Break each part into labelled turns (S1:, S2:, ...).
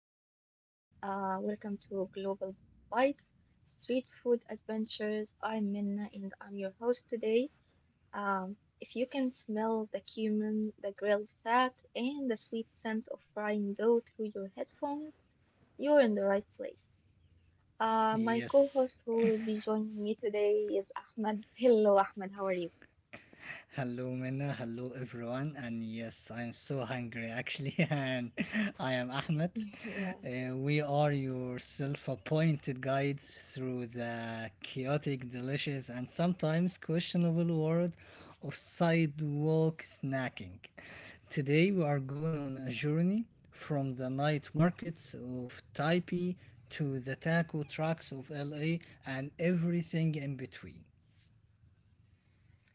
S1: welcome everyone. Welcome to Global Bites Street Food Adventures. I'm Minna and I'm your host today. If you can smell the cumin, the grilled fat, and the sweet scent of frying dough through your headphones, you're in the right place. My
S2: Yes.
S1: co-host who will be joining me today is Ahmed. Hello, Ahmed. How are you?
S2: Hello, Minna. Hello, everyone. And yes, I'm so hungry actually. And I am Ahmed.
S1: Yeah.
S2: We are your self appointed guides through the chaotic, delicious, and sometimes questionable world of sidewalk snacking. Today, we are going on a journey from the night markets of Taipei to the taco trucks of LA and everything in between.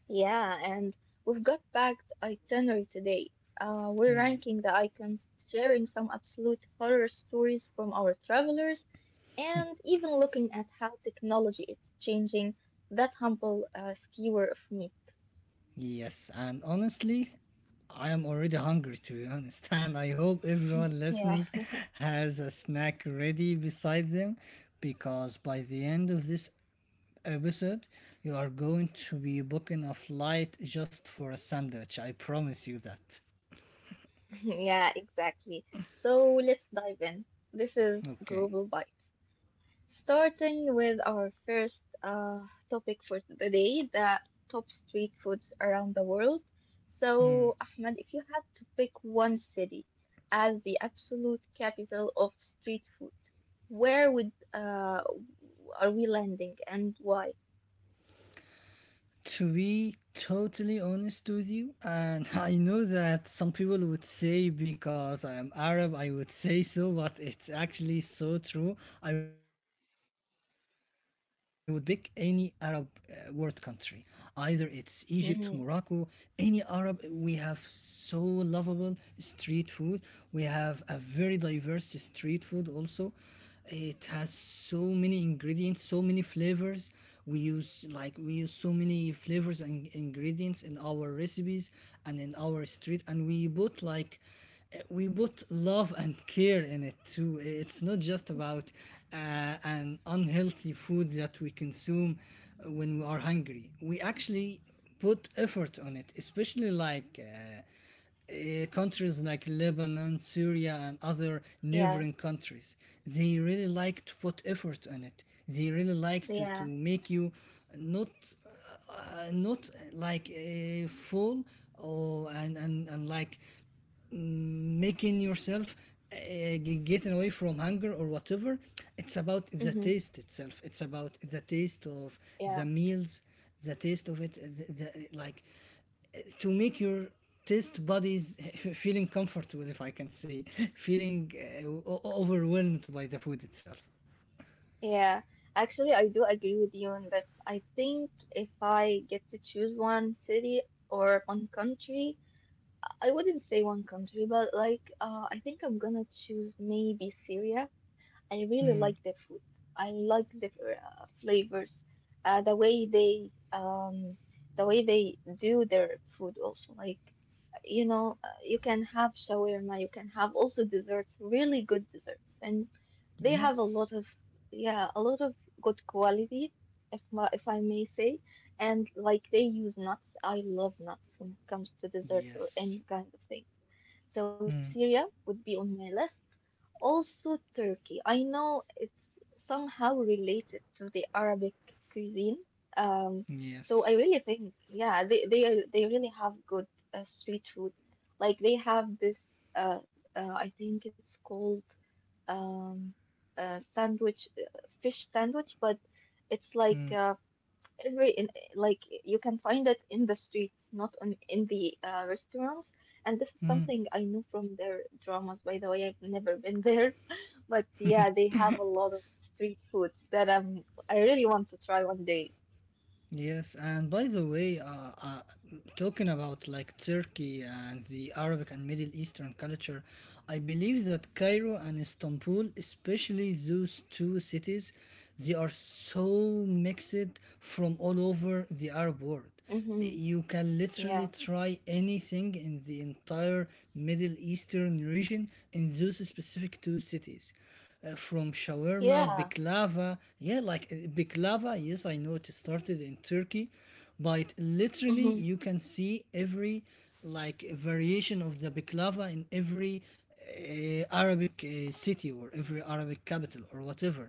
S1: Yeah, and we've got back the itinerary today. We're ranking the icons, sharing some absolute horror stories from our travelers, and even looking at how technology is changing that humble skewer of meat.
S2: Yes, and honestly, I am already hungry to be honest, and I hope everyone
S1: Yeah,
S2: listening has a snack ready beside them because by the end of this episode, you are going to be booking a flight just for a sandwich. I promise you that.
S1: yeah, exactly. So let's dive in. This is
S2: Okay.
S1: Global Bites. Starting with our first topic for today, the top street foods around the world. So, Ahmed, if you had to pick one city as the absolute capital of street food, where would are we landing and why?
S2: To be totally honest with you, and I know that some people would say because I am Arab, I would say so, but it's actually so true. I would pick any Arab world country, either it's Egypt, Morocco,
S1: Mm-hmm.
S2: any Arab. We have so lovable street food. We have a very diverse street food, also it has so many ingredients, so many flavors. We use so many flavors and ingredients in our recipes and in our street, and we put like we put love and care in it too. It's not just about an unhealthy food that we consume when we are hungry. We actually put effort on it, especially like countries like Lebanon, Syria, and other neighboring
S1: Yeah,
S2: countries. They really like to put effort on it. They really like to
S1: yeah.
S2: make you not not like a fool or and like making yourself uh, getting away from hunger or whatever. It's about the
S1: Hmm.
S2: taste itself. It's about the taste of the
S1: Yeah.
S2: meals, the taste of it, like to make your test bodies feeling comfortable, if I can say, feeling overwhelmed by the food itself.
S1: Yeah, actually, I do agree with you on this. I think if I get to choose one city or one country, I wouldn't say one country, but like I think I'm gonna choose maybe Syria. I really like their food. I like the flavors, uh, the way they um, the way they do their food also. Like you can have shawarma, you can have also desserts, really good desserts, and they have a
S2: Yes.
S1: lot of, yeah, a lot of good quality, if I may say, and like they use nuts. I love nuts when it comes to desserts or
S2: Yes.
S1: any kind of things. So
S2: Mm.
S1: Syria would be on my list. Also Turkey. I know it's somehow related to the Arabic cuisine. Um, so I
S2: Yes.
S1: really think, yeah, they really have good street food. Like they have this, I think it's called um, fish sandwich, but it's
S2: Mm.
S1: like every in like you can find it in the streets, not on in the restaurants. And this is
S2: Mm.
S1: something I know from their dramas. By the way, I've never been there, but yeah, they have a lot of street foods that I really want to try one day.
S2: Yes. And by the way, uh, talking about like Turkey and the Arabic and Middle Eastern culture, I believe that Cairo and Istanbul, especially those two cities, they are so mixed from all over the Arab world.
S1: Mm-hmm.
S2: You can literally
S1: Yeah.
S2: try anything in the entire Middle Eastern region in those specific two cities. From shawarma,
S1: Yeah.
S2: baklava, yeah, like baklava, yes, I know it started in Turkey, but literally
S1: Mm-hmm.
S2: you can see every like variation of the baklava in every Arabic city, or every Arabic capital or whatever.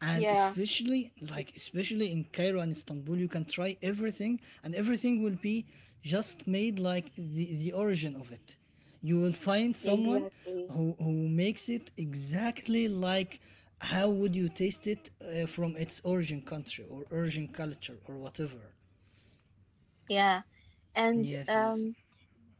S2: and
S1: Yeah.
S2: especially
S1: E-
S2: like especially in Cairo and Istanbul you can try everything, and everything will be just made like the origin of it. You will find someone
S1: Exactly.
S2: who makes it exactly like how would you taste it from its origin country or origin culture or whatever.
S1: Yeah. And
S2: Yes. Yes.
S1: um.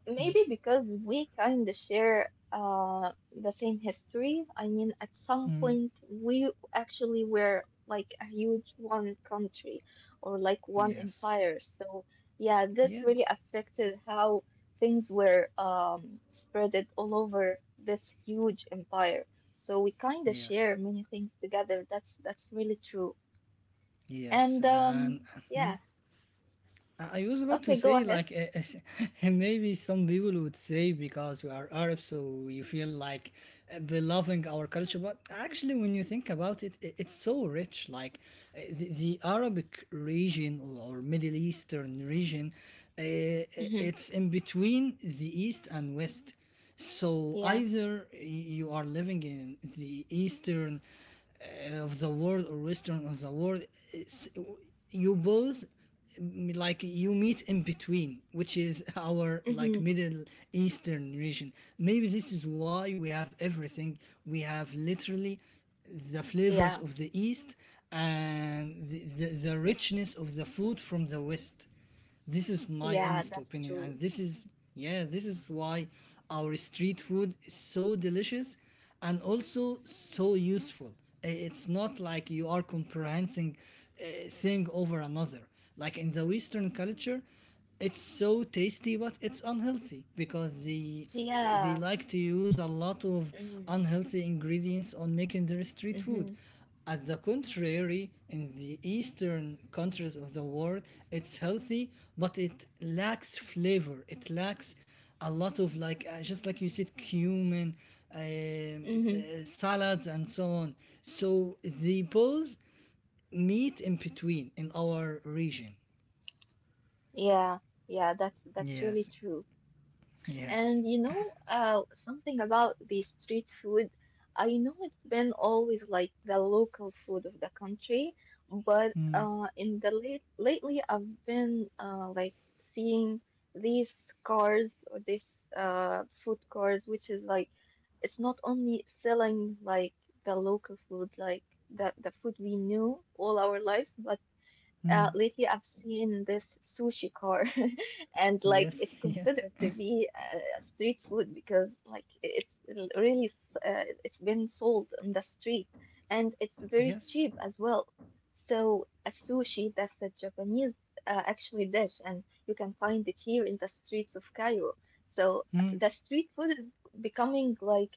S1: maybe because we kind of share the same history. I mean, at some point, we actually were like a huge one country or like one
S2: Yes.
S1: empire. So, yeah, this
S2: Yeah.
S1: really affected how things were spreaded all over this huge empire. So we kind of
S2: Yes.
S1: share many things together. That's really true.
S2: Yes.
S1: And
S2: And
S1: yeah,
S2: I was about to
S1: okay, go
S2: say,
S1: ahead.
S2: like, maybe some people would say because we are Arabs, so we feel like beloving our culture. But actually, when you think about it, it's so rich. Like, the Arabic region or Middle Eastern region, uh,
S1: Hmm.
S2: it's in between the East and West. So
S1: Yeah.
S2: either you are living in the Eastern of the world or Western of the world, it's- you both, like you meet in between, which is our like
S1: Hmm.
S2: middle eastern region. Maybe this is why we have everything. We have literally the flavors
S1: Yeah.
S2: of the east and the richness of the food from the west. This is my
S1: Yeah,
S2: honest
S1: that's
S2: opinion, and
S1: true.
S2: this is, yeah, this is why our street food is so delicious and also so useful. It's not like you are comprehending a thing over another. Like in the Western culture, it's so tasty, but it's unhealthy because they
S1: Yeah.
S2: like to use a lot of
S1: Mm.
S2: unhealthy ingredients on making their street food.
S1: Hmm.
S2: At the contrary, in the eastern countries of the world, it's healthy, but it lacks flavor. It lacks a lot of like, just like you said, cumin,
S1: Hmm.
S2: salads, and so on. So they both meet in between in our region.
S1: Yeah. Yeah, that's really
S2: Yes,
S1: true.
S2: yes,
S1: And something about the street food, I know it's been always like the local food of the country, but in the lately I've been like seeing these cars or these food cars, which is like it's not only selling like the local food, like the food we knew all our lives, but lately, I've seen this sushi car, and like
S2: yes,
S1: it's
S2: yes,
S1: considered to be street food because like it's been sold on the street, and it's very
S2: yes.
S1: cheap as well. So a sushi, that's a Japanese actually dish, and you can find it here in the streets of Cairo. So the street food is becoming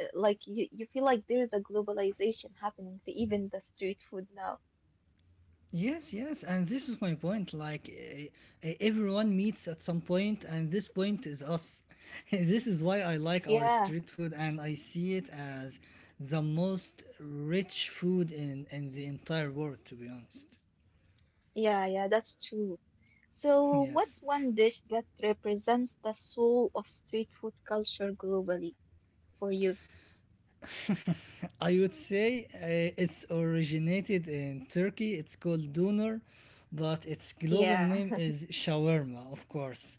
S1: like you feel like there is a globalization happening to even the street food now.
S2: Yes, yes, and this is my point. Like, everyone meets at some point, and this point is us. This is why I like our
S1: Yeah.
S2: street food, and I see it as the most rich food in the entire world, to be honest.
S1: Yeah, yeah, that's true. So,
S2: Yes.
S1: what's one dish that represents the soul of street food culture globally for you?
S2: I would say it's originated in Turkey. It's called doner, but its global
S1: Yeah,
S2: name is shawarma, of course.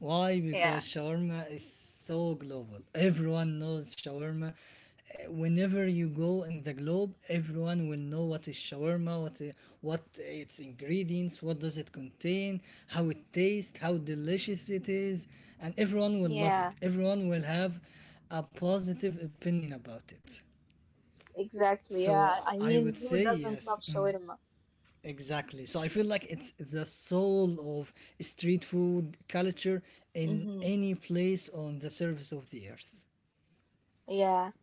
S2: Why? Because
S1: yeah,
S2: shawarma is so global. Everyone knows shawarma. Whenever you go in the globe, everyone will know what is shawarma, what its ingredients, what does it contain, how it tastes, how delicious it is, and everyone will love it.
S1: yeah,
S2: Everyone will have a positive opinion about it.
S1: exactly.
S2: So
S1: Yeah, I
S2: I would
S1: mean,
S2: say
S1: who doesn't
S2: yes,
S1: love shawarma?
S2: exactly. So I feel like it's the soul of street food culture in
S1: Mm-hmm.
S2: any place on the surface of the earth.
S1: Yeah.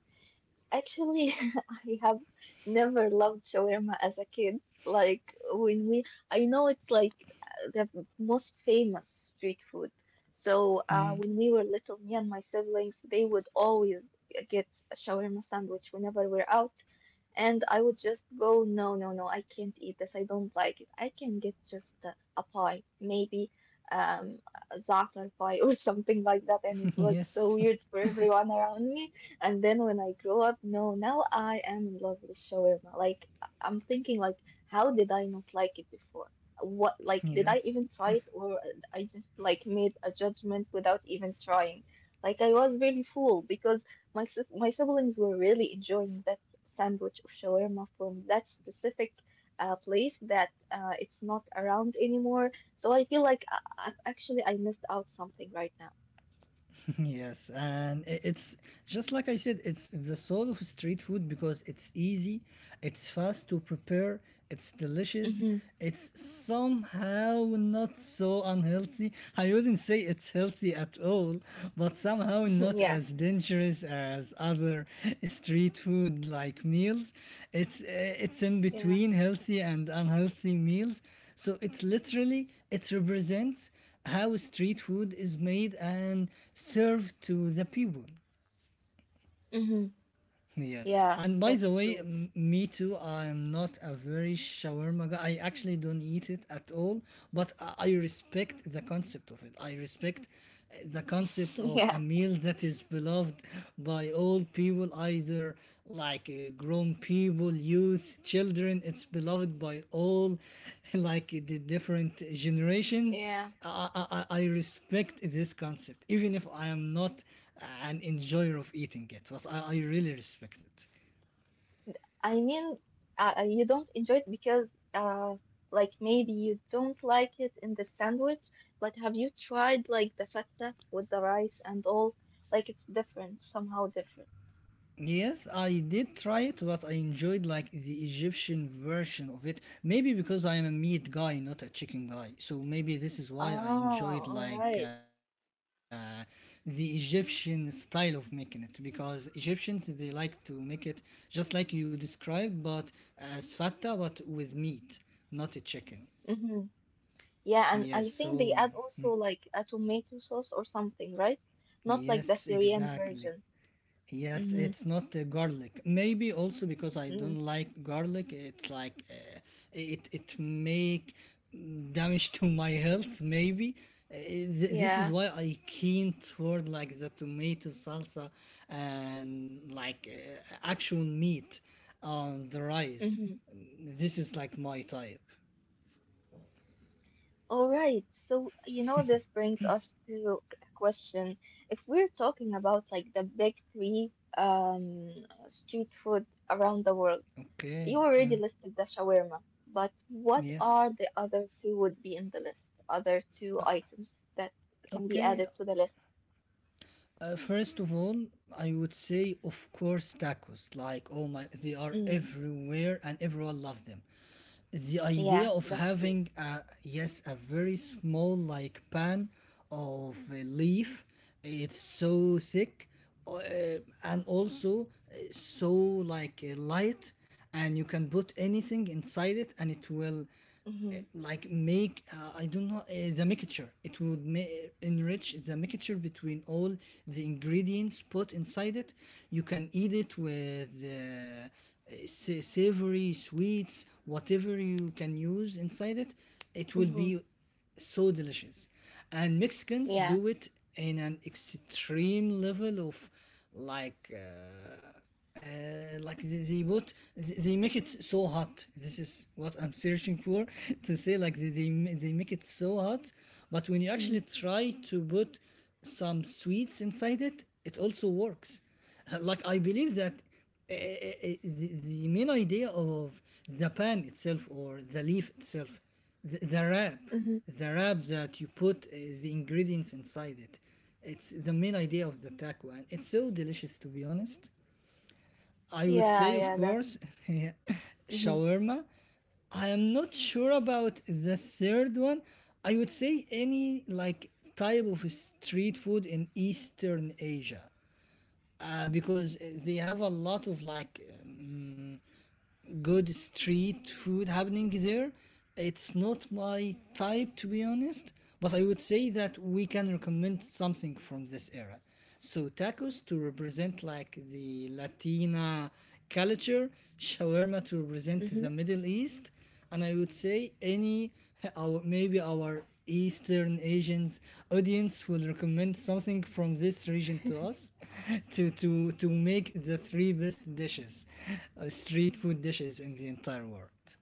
S1: Actually, I have never loved shawarma as a kid. Like I know it's like the most famous street food. So when we were little, me and my siblings, they would always get a shawarma sandwich whenever we're out. And I would just go, no, no, no, I can't eat this. I don't like it. I can get just a pie, maybe um, a za'atar pie or something like that. And it was so
S2: Yes,
S1: weird for everyone around me. And then when I grew up, no, now I am in love with shawarma. Like, I'm thinking, like, how did I not like it before? What, like, did I
S2: yes,
S1: even try it or I just, like, made a judgment without even trying? Like, I was really fooled because my siblings were really enjoying that sandwich of shawarma from that specific place that it's not around anymore. So I feel like actually I missed out something right now.
S2: yes. And it's just like I said, it's the soul of street food because it's easy, it's fast to prepare, it's delicious,
S1: Hmm.
S2: it's somehow not so unhealthy. I wouldn't say it's healthy at all, but somehow not
S1: Yes.
S2: as dangerous as other street food like meals. It's in
S1: Yeah.
S2: between healthy and unhealthy meals. So it literally it represents how street food is made and served to the people.
S1: Hmm.
S2: Yes,
S1: Yeah,
S2: and by
S1: that's
S2: the way,
S1: true.
S2: me too. I'm not a very shawarma guy. I actually don't eat it at all, but I respect the concept of it. I respect the concept of a
S1: Yeah.
S2: meal that is beloved by all people, either like grown people, youth, children. It's beloved by all, like the different generations.
S1: Yeah.
S2: I respect this concept, even if I am not an enjoyer of eating it, but I really respect it.
S1: I mean, you don't enjoy it because like maybe you don't like it in the sandwich, but have you tried like the feta with the rice and all? Like it's different, somehow different.
S2: Yes, I did try it, but I enjoyed like the Egyptian version of it. Maybe because I am a meat guy, not a chicken guy. So maybe this is why I
S1: Ah,
S2: enjoyed
S1: all
S2: like
S1: right.
S2: the Egyptian style of making it. Because Egyptians they like to make it just like you described, but as fatta, but with meat, not a chicken.
S1: Yeah,
S2: Yes,
S1: and I think
S2: so
S1: they add also like a tomato sauce or something, right? Not like the
S2: yes,
S1: Syrian
S2: exactly.
S1: version.
S2: Yes,
S1: Mm-hmm.
S2: it's not garlic. Maybe also because I don't
S1: Mm.
S2: like garlic. It's like it it make damage to my health. Maybe this is
S1: Yeah.
S2: why I keen toward like the tomato salsa and like actual meat on the rice.
S1: Mm-hmm.
S2: This is like my type.
S1: All right. So, this brings us to a question. If we're talking about like the big three street food around the world,
S2: Okay.
S1: you already listed the shawarma, but what
S2: Yes.
S1: are the other two would be in the list? Other two items that can be
S2: Okay.
S1: added to the list?
S2: First of all, I would say, of course, tacos. Like, oh my, they are
S1: Mm.
S2: everywhere and everyone loves them. The idea
S1: Yeah,
S2: of
S1: that's true.
S2: having, a, yes, a very small, like, pan of a leaf, it's so thick, uh, and also so, like, light, and you can put anything inside it and it will
S1: Mm-hmm.
S2: like make I don't know, the mixture, it would enrich the mixture between all the ingredients put inside it. You can eat it with savory sweets, whatever you can use inside it, it will
S1: Mm-hmm.
S2: be so delicious. And Mexicans
S1: Yeah.
S2: do it in an extreme level of like uh, uh, like they make it so hot. This is what I'm searching for to say. Like they they make it so hot, but when you actually
S1: Mm-hmm.
S2: try to put some sweets inside it, it also works. Like I believe that uh, uh, the, the main idea of the pan itself or the leaf itself, the wrap,
S1: Mm-hmm.
S2: the wrap that you put the ingredients inside it, it's the main idea of the taco, and it's so delicious to be honest. I would say,
S1: Yeah,
S2: of
S1: yeah, that.
S2: course, yeah,
S1: Mm-hmm.
S2: shawarma. I am not sure about the third one. I would say any like type of street food in Eastern Asia, because they have a lot of like good street food happening there. It's not my type to be honest, but I would say that we can recommend something from this era. So tacos to represent like the Latina culture, shawarma to represent
S1: Mm-hmm.
S2: the Middle East, and I would say any, our, maybe our Eastern Asians audience will recommend something from this region to us to make the three best dishes, street food dishes in the entire world.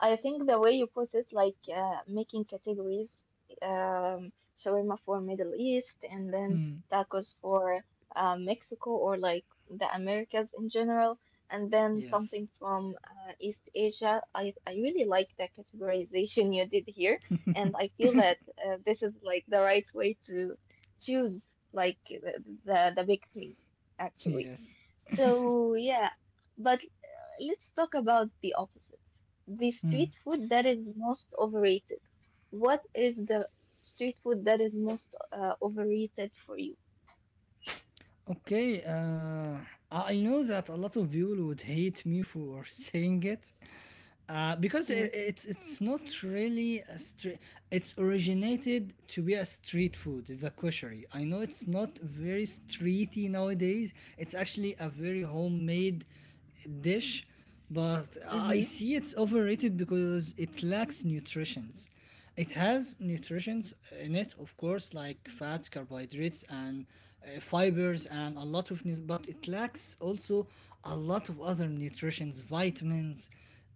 S1: I think the way you put it, like making categories, um, shawarma for Middle East, and then
S2: Hmm.
S1: tacos for Mexico or like the Americas in general, and then
S2: Yes,
S1: something from East Asia. I really like the categorization you did here, and I feel that this is like the right way to choose like the big three, actually.
S2: yes.
S1: So yeah, but let's talk about the opposites. The street food that is most overrated. What is the street food that is most overrated for you?
S2: Okay, I know that a lot of people would hate me for saying it, because I
S1: Mm.
S2: it's not really a street. It's originated to be a street food. It's a koshery. I know it's not very streety nowadays. It's actually a very homemade dish, but I
S1: Mm-hmm.
S2: see it's overrated because it lacks nutritions. It has nutrients in it, of course, like fats, carbohydrates, and fibers, and a lot of, nu- but it lacks also a lot of other nutrients, vitamins,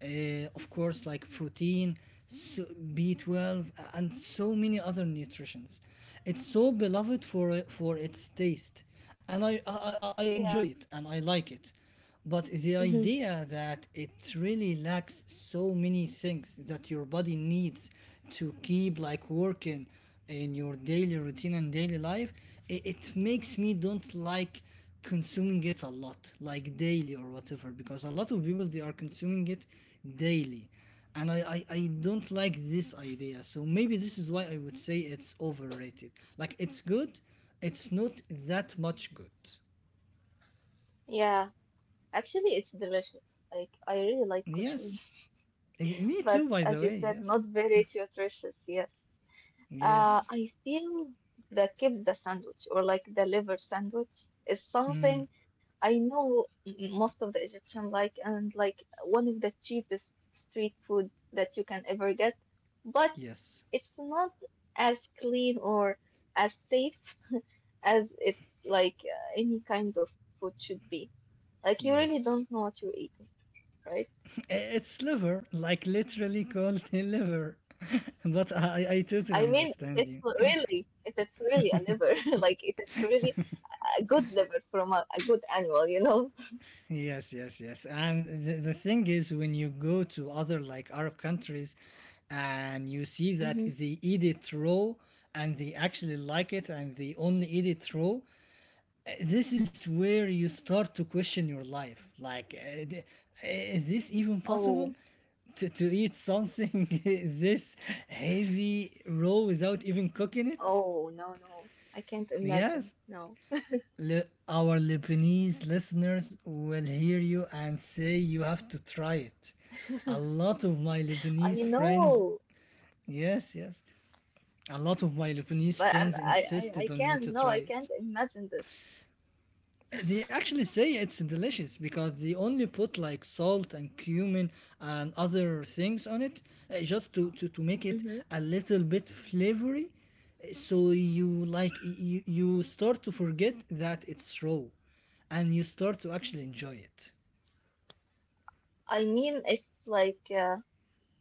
S2: of course, like protein, so B12, and so many other nutrients. It's so beloved for its taste, and I enjoy
S1: Yeah.
S2: it and I like it. But the
S1: Hmm.
S2: idea that it really lacks so many things that your body needs to keep like working in your daily routine and daily life, it makes me don't like consuming it a lot, like daily or whatever, because a lot of people they are consuming it daily. And I don't like this idea. So maybe this is why I would say it's overrated. Like it's good, it's not that much good.
S1: Yeah, actually, it's delicious. Like, I really like kushari,
S2: Yes. Me
S1: but
S2: too, by
S1: as
S2: the
S1: you
S2: way.
S1: said, not
S2: Yes.
S1: very nutritious. Yes.
S2: Yes.
S1: I feel the kibda sandwich or like the liver sandwich is
S2: Mm.
S1: something I know most of the Egyptian like and like one of the cheapest street food that you can ever get, but
S2: Yes.
S1: it's not as clean or as safe as it's like any kind of food should be. Like you really don't know
S2: Yes.
S1: what you're eating, right?
S2: It's liver, like literally called liver. But I
S1: I
S2: totally
S1: mean, if it's
S2: understand you.
S1: really, if it's really a liver, like if it's really a good liver from a good animal, you know?
S2: Yes, yes, yes. And the thing is, when you go to other like Arab countries and you see
S1: Mm-hmm.
S2: that they eat it raw, and they actually like it and they only eat it raw, this is where you start to question your life like is this even
S1: Oh,
S2: possible to, eat something this heavy raw without even cooking it.
S1: Oh, no, no. I can't imagine.
S2: Yes.
S1: No.
S2: Le- our Lebanese listeners will hear you and say you have to try it. A lot of my
S1: I
S2: Lebanese
S1: know,
S2: friends, yes, yes, a lot of my Lebanese
S1: but
S2: friends
S1: I
S2: insisted on me
S1: can't.
S2: to
S1: No,
S2: try
S1: I
S2: it.
S1: can't imagine this.
S2: They actually say it's delicious because they only put like salt and cumin and other things on it, just to, to make it
S1: Mm-hmm.
S2: a little bit flavory. So you like you start to forget that it's raw and you start to actually enjoy it.
S1: I mean,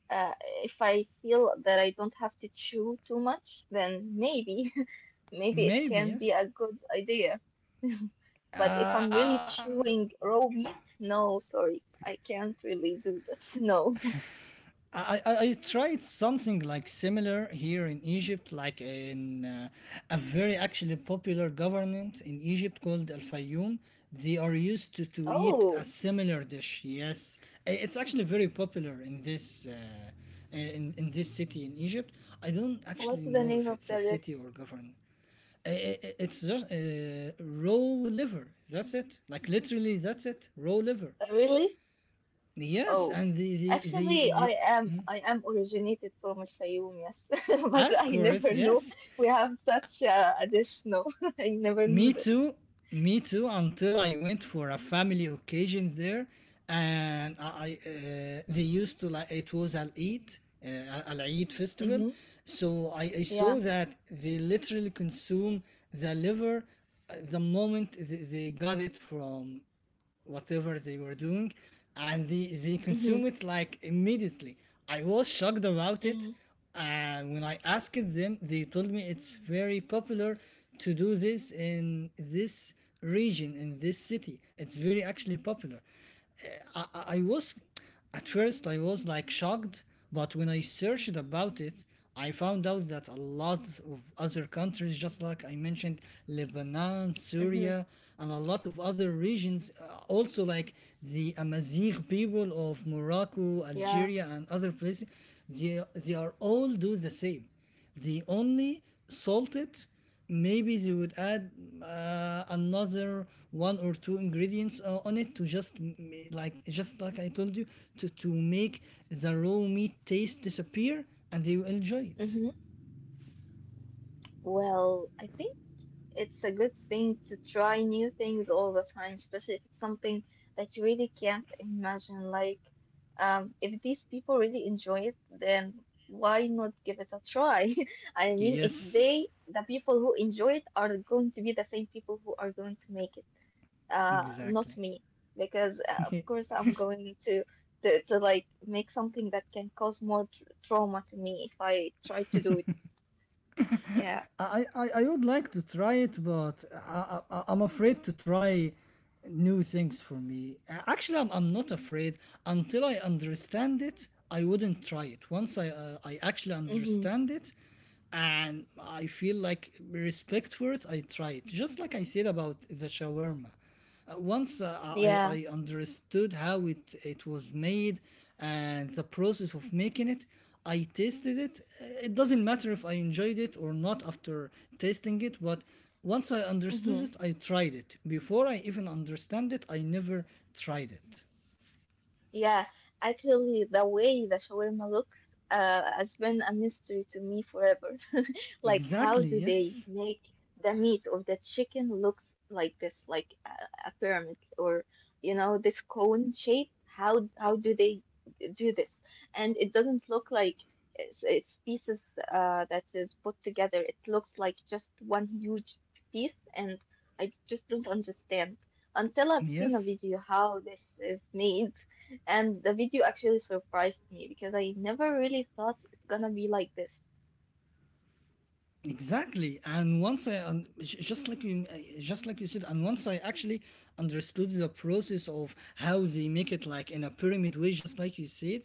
S1: uh, if I feel that I don't have to chew too much, then maybe, maybe it
S2: Maybe
S1: can be
S2: yes.
S1: a good idea. But if
S2: Uh,
S1: I'm really chewing raw meat, no, sorry, I can't really do this. No.
S2: I tried something like similar here in Egypt, like in a very actually popular government in Egypt called Al Fayoum. They are used to eat a
S1: Oh,
S2: similar dish. Yes, it's actually very popular in this in this city in Egypt. I don't
S1: what's
S2: actually
S1: the
S2: know
S1: name
S2: if
S1: of
S2: it's
S1: the
S2: a
S1: dish?
S2: city or government. It's just raw liver. That's it. Like literally, that's it. Raw liver.
S1: Really? Oh,
S2: Yes, and
S1: actually, I
S2: the
S1: am I am originated from Al Fayoum, yes, but I
S2: ask for it.
S1: never knew
S2: Yes.
S1: we have such a dish. No, I never
S2: Me
S1: knew this.
S2: too. Me too. Until I went for a family occasion there, and I they used to like it was Al Eid, Al Eid festival.
S1: Mm-hmm.
S2: So I saw
S1: Yeah.
S2: that they literally consume the liver the moment they got it from whatever they were doing, and they consume
S1: Mm-hmm.
S2: it like immediately. I was shocked about it,
S1: Mm-hmm.
S2: and when I asked them they told me it's very popular to do this in this region, in this city it's very actually popular. I was, at first I was like shocked, but when I searched about it, I found out that a lot of other countries, just like I mentioned, Lebanon,
S1: Mm-hmm.
S2: Syria, and a lot of other regions, also like the Amazigh people of Morocco,
S1: Yeah.
S2: Algeria, and other places, they are all do the same. They only salt it. Maybe they would add another one or two ingredients on it to just like just like I told you to, make the raw meat taste disappear, and they will enjoy it.
S1: Mm-hmm. Well, I think, it's a good thing to try new things all the time, especially if it's something that you really can't imagine. Like, if these people really enjoy it, then why not give it a try? I mean, if
S2: Yes,
S1: they, the people who enjoy it, are going to be the same people who are going to make it,
S2: exactly.
S1: not me, because of course I'm going to. To like make something that can cause more tr trauma to me if I try to do it. Yeah.
S2: I would like to try it, but I'm afraid to try new things for me. Actually, I'm not afraid. Until I understand it, I wouldn't try it. Once I actually
S1: Mm-hmm.
S2: understand it and I feel like respect for it, I try it. Just like I said about the shawarma. Once
S1: Yeah.
S2: I understood how it was made and the process of making it, I tasted it. It doesn't matter if I enjoyed it or not after tasting it, but once I understood
S1: Mm-hmm.
S2: it, I tried it. Before I even understand it, I never tried it.
S1: Yeah, actually, the way the shawarma looks has been a mystery to me forever. Like, how
S2: Exactly,
S1: do they
S2: yes.
S1: make the meat of the chicken looks like this, like a pyramid or, this cone shape? How do they do this? And it doesn't look like it's pieces that is put together. It looks like just one huge piece, and I just don't understand until I've seen a
S2: Yes.
S1: video how this is made. And the video actually surprised me because I never really thought it's gonna be like this.
S2: Exactly, and once I un- j- just like you said, and once I actually understood the process of how they make it, like in a pyramid way, just like you said,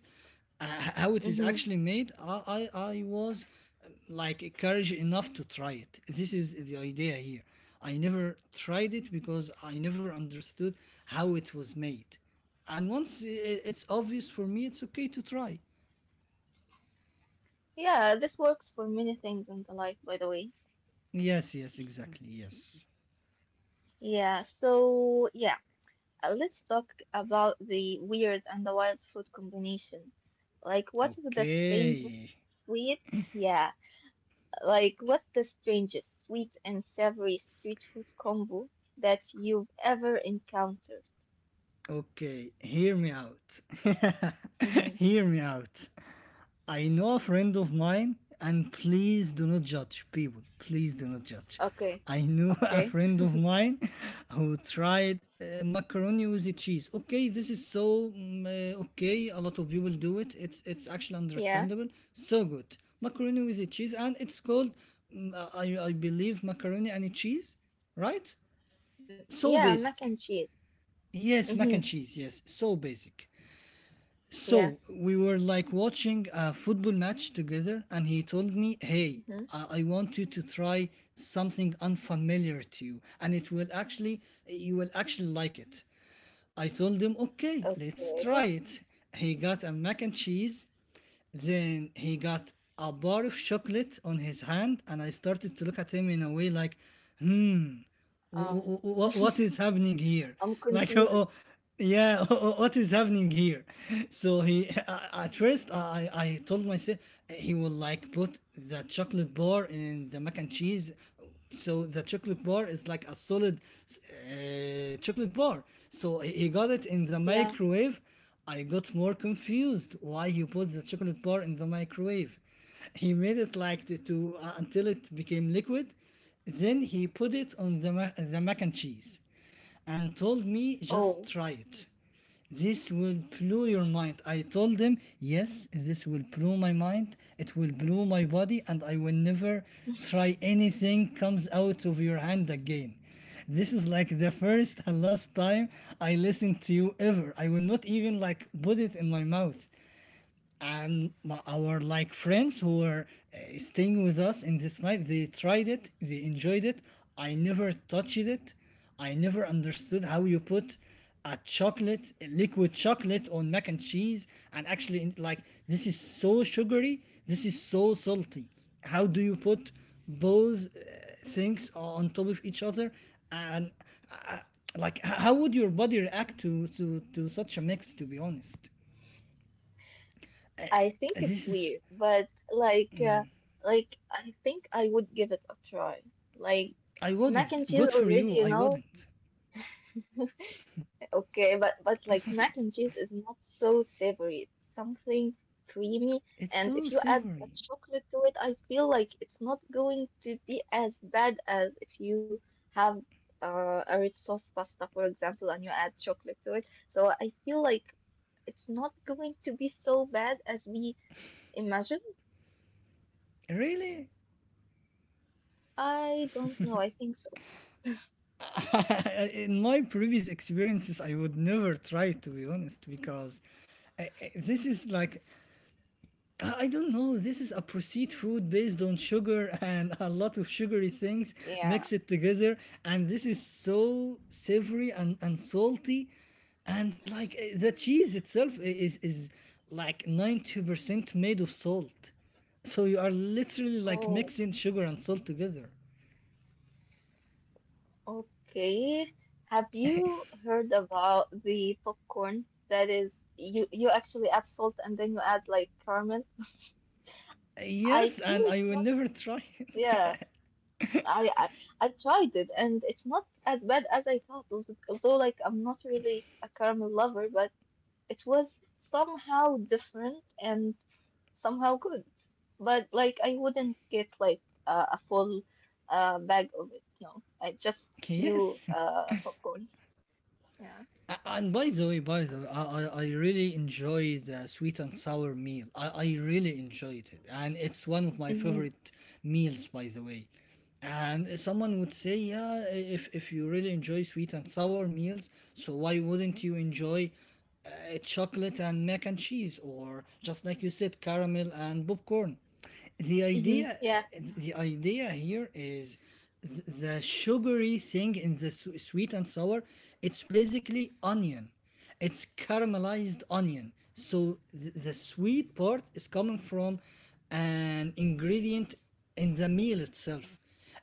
S2: uh, how it is
S1: Hmm.
S2: actually made, I was like courage enough to try it. This is the idea here. I never tried it because I never understood how it was made, and it's obvious for me, it's okay to try.
S1: Yeah, this works for many things in the life, by the way.
S2: Yes, yes, exactly, yes.
S1: Yeah, so yeah, let's talk about the weird and the wild food combination. Like, what is the strangest
S2: Okay.
S1: sweet? Yeah, like, what's the strangest sweet and savory street food combo that you've ever encountered?
S2: Okay, hear me out.
S1: Mm-hmm.
S2: Hear me out. I know a friend of mine, and please do not judge people. Please do not judge.
S1: Okay,
S2: I knew a
S1: okay.
S2: friend of mine who tried macaroni with the cheese. Okay, this is so okay. A lot of people do it. It's actually
S1: Yeah.
S2: understandable. So good macaroni with the cheese, and it's called mm, I believe macaroni and cheese, right?
S1: Mm,
S2: So
S1: yeah, mac and
S2: basic.
S1: cheese.
S2: Yes, mac
S1: Mm-hmm.
S2: and cheese. Yes, so basic.
S1: Yeah.
S2: So we were like watching a football match together, and he told me, hey,
S1: Mm-hmm.
S2: I want you to try something unfamiliar to you, and it will actually, you will actually like it. I told him, okay, let's
S1: Okay.
S2: try it. He got a mac and cheese, then he got a bar of chocolate on his hand, and I started to look at him in a way like,
S1: Um,
S2: what is happening
S1: I'm
S2: here? Like,
S1: confused.
S2: oh, yeah, what is happening here? At first, I told myself he will like put the chocolate bar in the mac and cheese. So the chocolate bar is like a solid chocolate bar. So he got it in the
S1: Yeah.
S2: microwave. I got more confused why he put the chocolate bar in the microwave. He made it like to until it became liquid, then he put it on the, the mac and cheese and told me,
S1: Oh,
S2: just try it. This will blow your mind. I told him, yes, this will blow my mind. It will blow my body, and I will never try anything comes out of your hand again. This is like the first and last time I listen to you ever. I will not even like put it in my mouth. And my, our like friends who were staying with us in this night, they tried it, they enjoyed it. I never touched it. I never understood how you put a chocolate, a liquid chocolate on mac and cheese, and actually like this is so sugary, this is so salty. How do you put both things on top of each other and uh, how would your body react to, to such a mix, to be honest?
S1: I think it's
S2: This is...
S1: weird, but like I think I would give it a try. Like
S2: I
S1: mac
S2: wouldn't.
S1: and cheese
S2: Good for
S1: already,
S2: you.
S1: you
S2: I
S1: know,
S2: wouldn't.
S1: Okay, but like mac and cheese is not so savory. It's something creamy,
S2: It's
S1: and
S2: so
S1: if you add
S2: savory.
S1: a chocolate to it, I feel like it's not going to be as bad as if you have a rich sauce pasta, for example, and you add chocolate to it. So I feel like it's not going to be so bad as we imagine.
S2: Really?
S1: I don't know. I think so.
S2: In my previous experiences, I would never try, to be honest, because this is like, I don't know. This is a processed food based on sugar and a lot of sugary things
S1: Yeah.
S2: mix it together, and this is so savory and salty, and like the cheese itself is like 90% made of salt, so you are literally like
S1: Oh.
S2: mixing sugar and salt together.
S1: Okay. Have you heard about the popcorn that is you actually add salt and then you add like caramel? I
S2: Yes,
S1: feel
S2: and I
S1: it's
S2: will
S1: not.
S2: never try it.
S1: Yeah, I I, I tried it and it's not as bad as I thought. Although, like I'm not really a caramel lover, but it was somehow different and somehow good. But like I wouldn't get like a full bag of it. No, I just few
S2: Yes.
S1: popcorns. Yeah.
S2: A- And by the way, I really enjoyed the sweet and sour meal. I really enjoyed it. And it's one of my favorite meals, by the way. And someone would say, yeah, if you really enjoy sweet and sour meals, so why wouldn't you enjoy uh, chocolate and mac and cheese or just like you said, caramel and popcorn? the
S1: Mm-hmm.
S2: idea
S1: Yeah.
S2: the idea here is the sugary thing in the sweet and sour, it's basically onion, it's caramelized onion. So the sweet part is coming from an ingredient in the meal itself.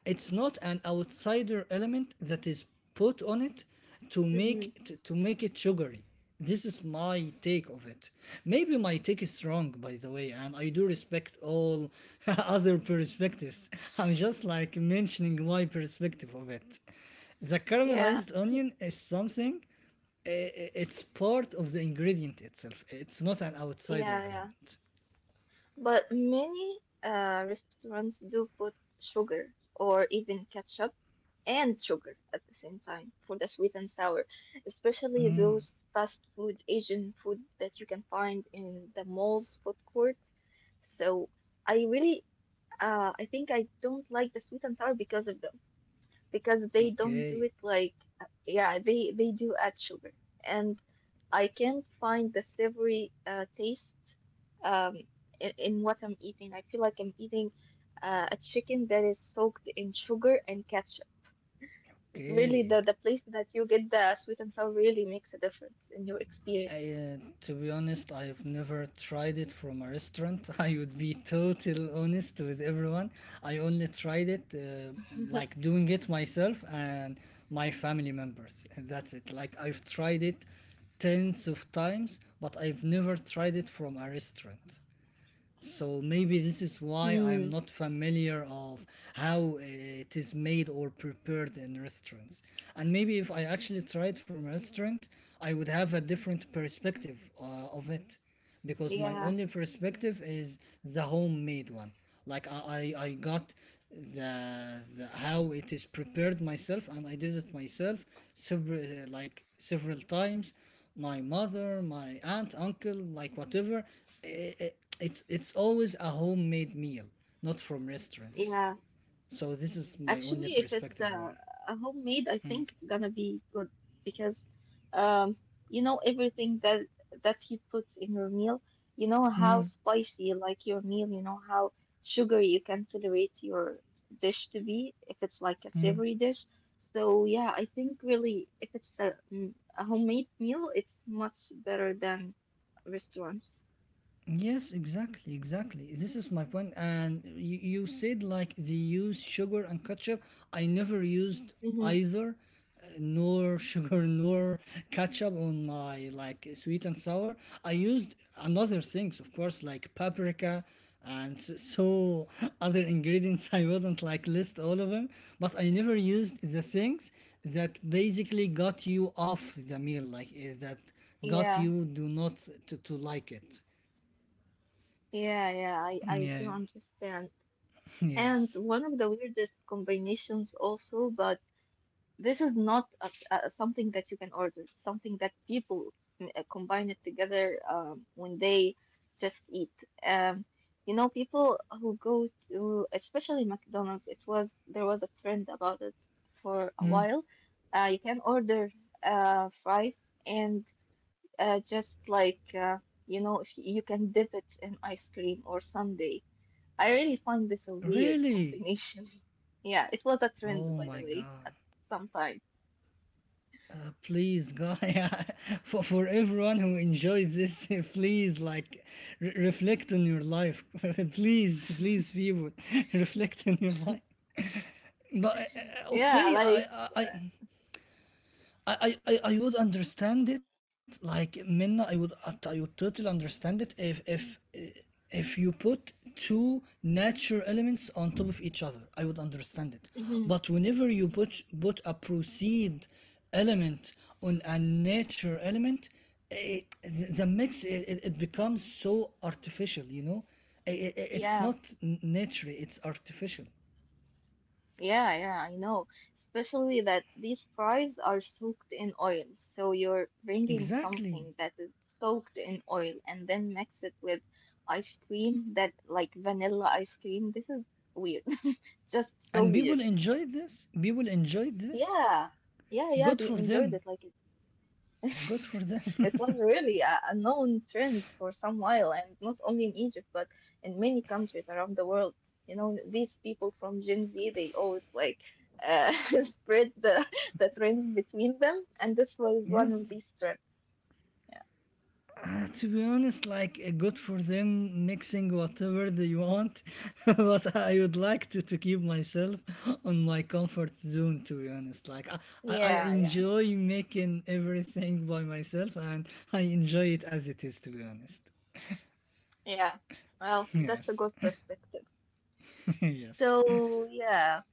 S2: It's not an outsider element that is put on it to make
S1: Mm-hmm.
S2: to make it sugary. This is my take of it. Maybe my take is wrong, by the way, and I do respect all other perspectives. I'm just like mentioning my perspective of it. The
S1: Yeah.
S2: caramelized onion is something, uh, it's part of the ingredient itself. It's not an outsider
S1: Yeah. Yeah.
S2: element.
S1: But many restaurants do put sugar or even ketchup and sugar at the same time for the sweet and sour, especially those fast food Asian food that you can find in the mall's food court. So I really, I think I don't like the sweet and sour because of them, because they don't do it
S2: Okay,
S1: like, yeah, they do add sugar. And I can find the savory taste, um, in what I'm eating. I feel like I'm eating a chicken that is soaked in sugar and ketchup. Really, the,
S2: okay.
S1: the place that you get the sweet and sour really makes a difference in your
S2: I,
S1: experience.
S2: uh, to be honest, I've never tried it from a restaurant. I would be total honest with everyone. I only tried it like doing it myself and my family members. That's it. Like I've tried it tens of times, but I've never tried it from a restaurant. So maybe this is why I
S1: Mm,
S2: am not familiar of how it is made or prepared in restaurants. And maybe if I actually try it from a restaurant, I would have a different perspective of it, because my
S1: yeah,
S2: only perspective is the homemade one. Like I, I I got the how it is prepared myself, and I did it myself several times. My mother, my aunt, uncle, like whatever, it's always a homemade meal, not from restaurants.
S1: yeah.
S2: So this is my only
S1: Actually, if it's
S2: perspective on it.
S1: a homemade, I
S2: Mm.
S1: think it's gonna be good because, um, you know everything that you put in your meal. You know how
S2: Mm.
S1: spicy you like your meal. You know how sugary you can tolerate your dish to be if it's like a
S2: Mm.
S1: savory dish. So yeah, I think really if it's a, mm, a homemade meal, it's much better than restaurants.
S2: Yes, exactly, exactly. This is my point. And you said like they use sugar and ketchup. I never used
S1: Mm-hmm.
S2: either, nor sugar nor ketchup on my like sweet and sour. I used another things, of course, like paprika and other ingredients. I wouldn't like list all of them, but I never used the things that basically got you off the meal, like that got
S1: Yeah,
S2: you do not to like it.
S1: yeah, yeah. I do
S2: Yeah,
S1: understand. And
S2: yes.
S1: one of the weirdest combinations also, but this is not something that you can order. It's something that people mm, combine it together when they just eat. Um, you know, people who go to, especially McDonald's, it was there was a trend about it for a
S2: Hmm?
S1: while. You can order fries and just like you know, if you can dip it in ice cream or sundae. I really find this a
S2: Really?
S1: weird combination. Yeah, it was a
S2: Oh my
S1: trend, by the way,
S2: god.
S1: at some time.
S2: Please, God, yeah. For for, everyone who enjoyed this, please, like, reflect on your life. Please, please, people, reflect on your life. But,
S1: Yeah,
S2: okay,
S1: like,
S2: I would understand it like Minna. I would, I would totally understand it if if you put two natural elements on top of each other, I would understand it.
S1: mhm,
S2: But whenever you put a proceed element on a nature element, it, the- mix it, it becomes so artificial, you know. It's
S1: yeah,
S2: not natural, it's artificial,
S1: yeah, yeah, I know. Especially that these fries are soaked in oil. So you're bringing
S2: exactly.
S1: something that is soaked in oil and then mix it with ice cream that, like, vanilla ice cream. This is weird. Just so
S2: And people
S1: weird.
S2: enjoy this, people enjoy this.
S1: Yeah, yeah, yeah,
S2: Good
S1: they
S2: for
S1: enjoyed
S2: them,
S1: it. Like,
S2: good for them.
S1: it was really a known trend for some while, and not only in Egypt, but in many countries around the world. You know, these people from Gen Z, they always like uh, spread the trends between them, and this was one of
S2: Yes.
S1: these trends. Yeah,
S2: To be honest, like, good for them mixing whatever they want, but I would like to keep myself on my comfort zone, to be honest. I
S1: yeah, yeah.
S2: enjoy making everything by myself, and I enjoy it as it is, to be honest.
S1: Yeah. Well, that's a
S2: Yes.
S1: good perspective.
S2: Yes.
S1: So, yeah.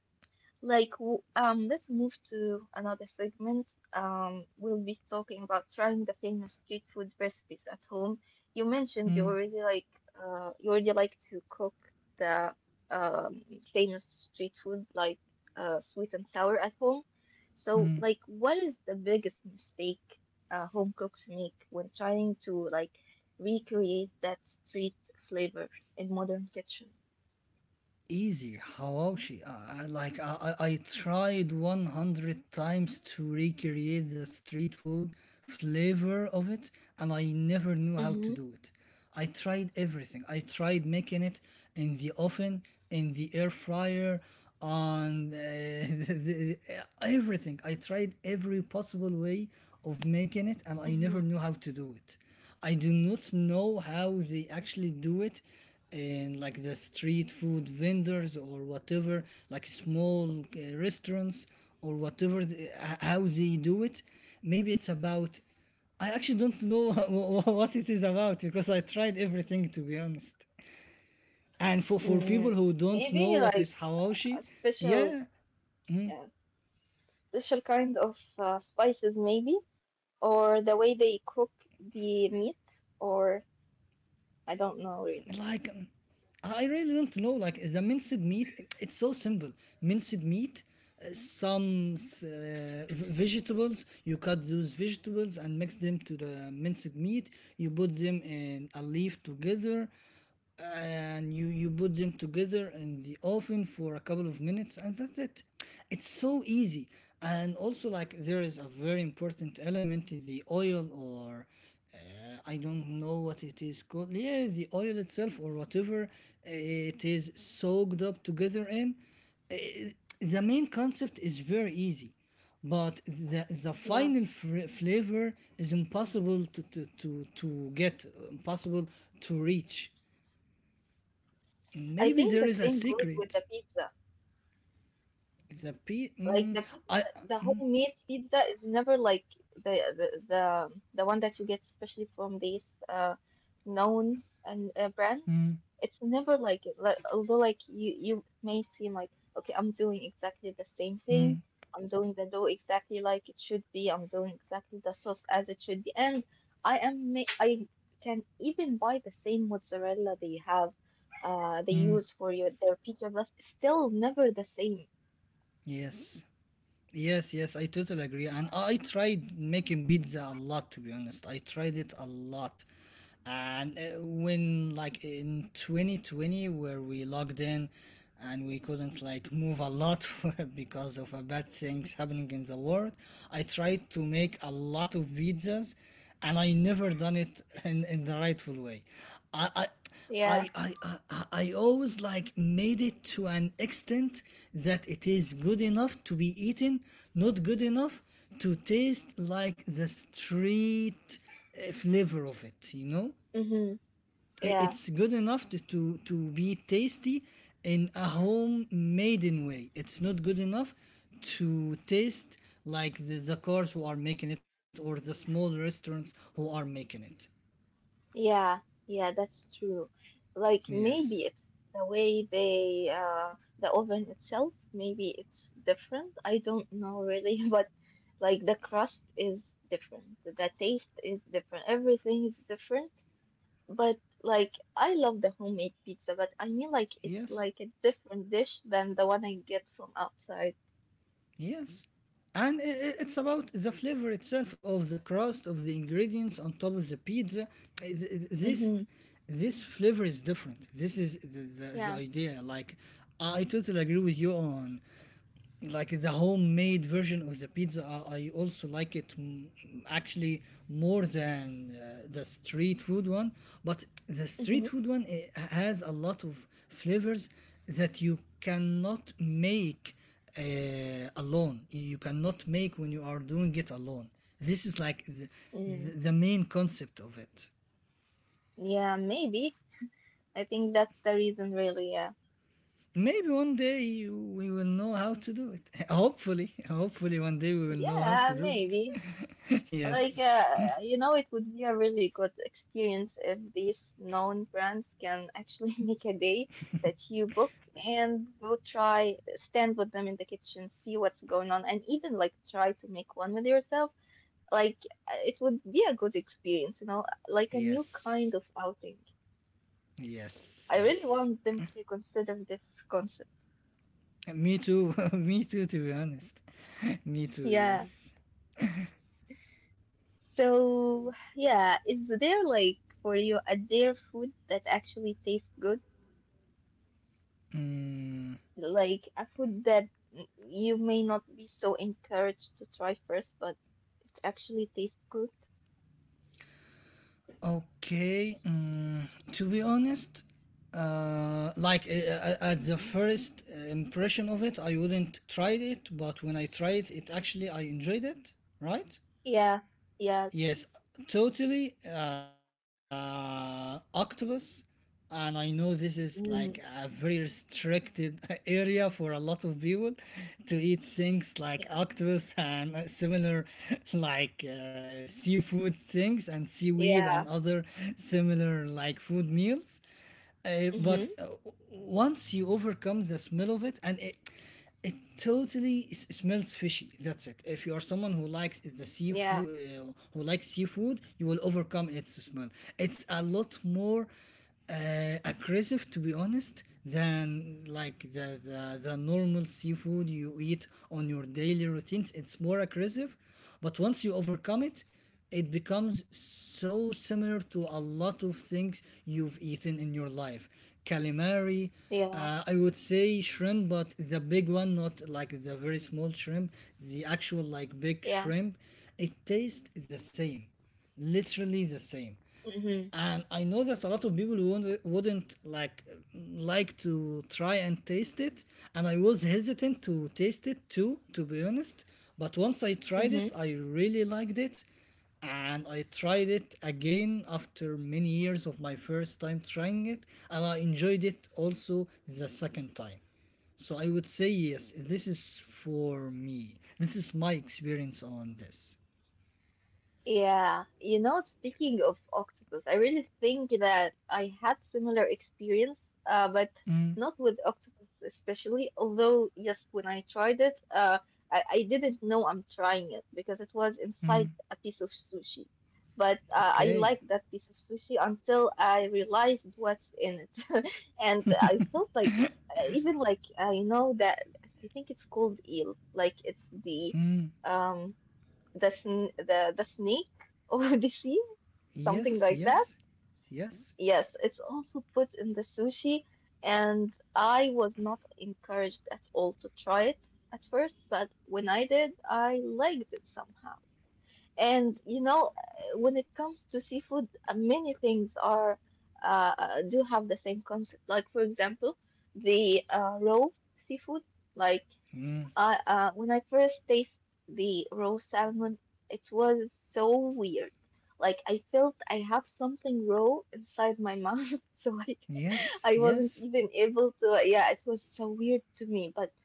S1: Like, let's move to another segment. We'll be talking about trying the famous street food recipes at home. You mentioned
S2: Mm,
S1: you already like to cook the um, famous street food like sweet and sour at home. So,
S2: mm.
S1: like, what is the biggest mistake home cooks make when trying to like recreate that street flavor in modern kitchen?
S2: Easy hawashi. I tried 100 times to recreate the street food flavor of it, and I never knew how
S1: Mm-hmm.
S2: to do it. I tried everything, I tried making it in the oven, in the air fryer, on everything. I tried every possible way of making it, and I
S1: Mm-hmm.
S2: never knew how to do it. I do not know how they actually do it, and like the street food vendors or whatever, like small restaurants or whatever, how they do it. Maybe it's about, I actually don't know what it is about, because I tried everything, to be honest. And for for,
S1: Mm,
S2: people who don't
S1: maybe
S2: know what
S1: like
S2: is
S1: a
S2: hawashi,
S1: special
S2: yeah,
S1: yeah, special kind of spices maybe or the way they cook the meat or I don't know
S2: like
S1: really.
S2: I really don't know. Like the minced meat, it's so simple. Minced meat, some vegetables. You cut those vegetables and mix them to the minced meat. You put them in a leaf together, and you put them together in the oven for a couple of minutes, and that's it. It's so easy. And also, like there is a very important element: in the oil or I don't know what it is called. Yeah, the oil itself or whatever it is soaked up together in. Uh, the main concept is very easy, but the
S1: Yeah.
S2: final flavor is impossible to get, impossible to reach.
S1: I
S2: Maybe
S1: think
S2: there
S1: the
S2: is a
S1: same goes with
S2: secret.
S1: the pizza.
S2: The p.
S1: Like
S2: Mm,
S1: the
S2: I.
S1: pizza, the homemade pizza is never like the one that you get especially from these known and brands. It's never like it. Like, although like you may seem like okay, I'm doing exactly the same thing. I'm doing the dough exactly like it should be. I'm doing exactly the sauce as it should be, and I am ma I can even buy the same mozzarella they have, they
S2: Mm,
S1: use for your their pizza, but it's still never the same.
S2: yes. Yes, yes, I totally agree. And I tried making pizza a lot, to be honest. I tried it a lot. And when, like, in 2020, where we logged in and we couldn't, like, move a lot because of bad things happening in the world, I tried to make a lot of pizzas, and I never done it in the rightful way. I, I I,
S1: Yeah.
S2: I I I always like made it to an extent that it is good enough to be eaten, not good enough to taste like the street flavor of it. You know,
S1: Mm-hmm. Yeah,
S2: it's good enough to be tasty in a homemade way. It's not good enough to taste like the cars who are making it or the small restaurants who are making it.
S1: yeah, yeah, that's true. Like
S2: Yes,
S1: maybe it's the way the oven itself, maybe it's different. I don't know really, but like the crust is different. The taste is different. Everything is different. But like I love the homemade pizza, but I mean like it's
S2: yes.
S1: like a different dish than the one I get from outside.
S2: Yes. And it's about the flavor itself of the crust, of the ingredients on top of the pizza. This
S1: Mm-hmm.
S2: flavor is different. This is the
S1: Yeah.
S2: idea. Like I totally agree with you on like the homemade version of the pizza. I also like it, mm, actually more than the street food one. But the street
S1: Mm-hmm.
S2: food one, it has a lot of flavors that you cannot make uh, alone, you cannot make when you are doing it alone. This is like the
S1: Mm.
S2: the main concept of it.
S1: Yeah, maybe. I think that's the reason really, yeah.
S2: Maybe one day we will know how to do it. Hopefully, hopefully one day we will know how
S1: Yeah,
S2: to do
S1: maybe.
S2: it.
S1: Like,
S2: Yes.
S1: you know, it would be a really good experience if these known brands can actually make a day that you book and go try, stand with them in the kitchen, see what's going on, and even like try to make one with yourself. Like, it would be a good experience, you know, like a new
S2: Yes.
S1: kind of outing.
S2: Yes.
S1: I really
S2: Yes.
S1: want them to consider this concept.
S2: Me too. Me too, to be honest. Me too,
S1: Yeah.
S2: yes.
S1: So, yeah, is there like for you a dare food that actually tastes good?
S2: Mm,
S1: Like a food that mm, you may not be so encouraged to try first, but it actually tastes good.
S2: okay. Mm, to be honest, at the first impression of it, I wouldn't tried it, but when I tried it, actually I enjoyed it, right?
S1: Yeah, yeah,
S2: Yes, totally. Octopus, and I know this is like a
S1: mm,
S2: very restricted area for a lot of people to eat things like
S1: yeah,
S2: octopus and similar like seafood things and seaweed and
S1: yeah,
S2: other similar like food meals. But
S1: mm-hmm,
S2: Once you overcome the smell of it, and it totally smells fishy. That's it. If you are someone who likes the seafood,
S1: yeah,
S2: who likes seafood, you will overcome its smell. It's a lot more uh, aggressive, to be honest, than like the normal seafood you eat on your daily routines. It's more aggressive, but once you overcome it, it becomes so similar to a lot of things you've eaten in your life. Calamari,
S1: yeah,
S2: I would say shrimp, but the big one, not like the very small shrimp, the actual like big
S1: yeah,
S2: shrimp. It tastes the same, literally the same.
S1: mm-hmm,
S2: And I know that a lot of people wouldn't like to try and taste it, and I was hesitant to taste it too, to be honest. But once I tried it,
S1: mm-hmm.
S2: I really liked it, and I tried it again after many years of my first time trying it, and I enjoyed it also the second time. So I would say yes, this is for me. This is my experience on this.
S1: Yeah, you know, speaking of octopus, I really think that I had similar experience, but not with octopus especially. Although, yes, when I tried it, uh, I didn't know I'm trying it because it was inside a piece of sushi. But I
S2: Okay.
S1: liked that piece of sushi until I realized what's in it, and I felt like even like you know that I think it's called eel, like it's the um the snake or the sea, something
S2: Yes.
S1: like that.
S2: Yes. Yes.
S1: Yes, it's also put in the sushi, and I was not encouraged at all to try it at first, but when I did, I liked it somehow. And you know, when it comes to seafood, many things are do have the same concept. Like for example, the raw seafood, like
S2: Mm.
S1: I when I first tasted the raw salmon, it was so weird. Like I felt I have something raw inside my mouth, so like
S2: Yes,
S1: I wasn't
S2: yes,
S1: even able to. Yeah, it was so weird to me. But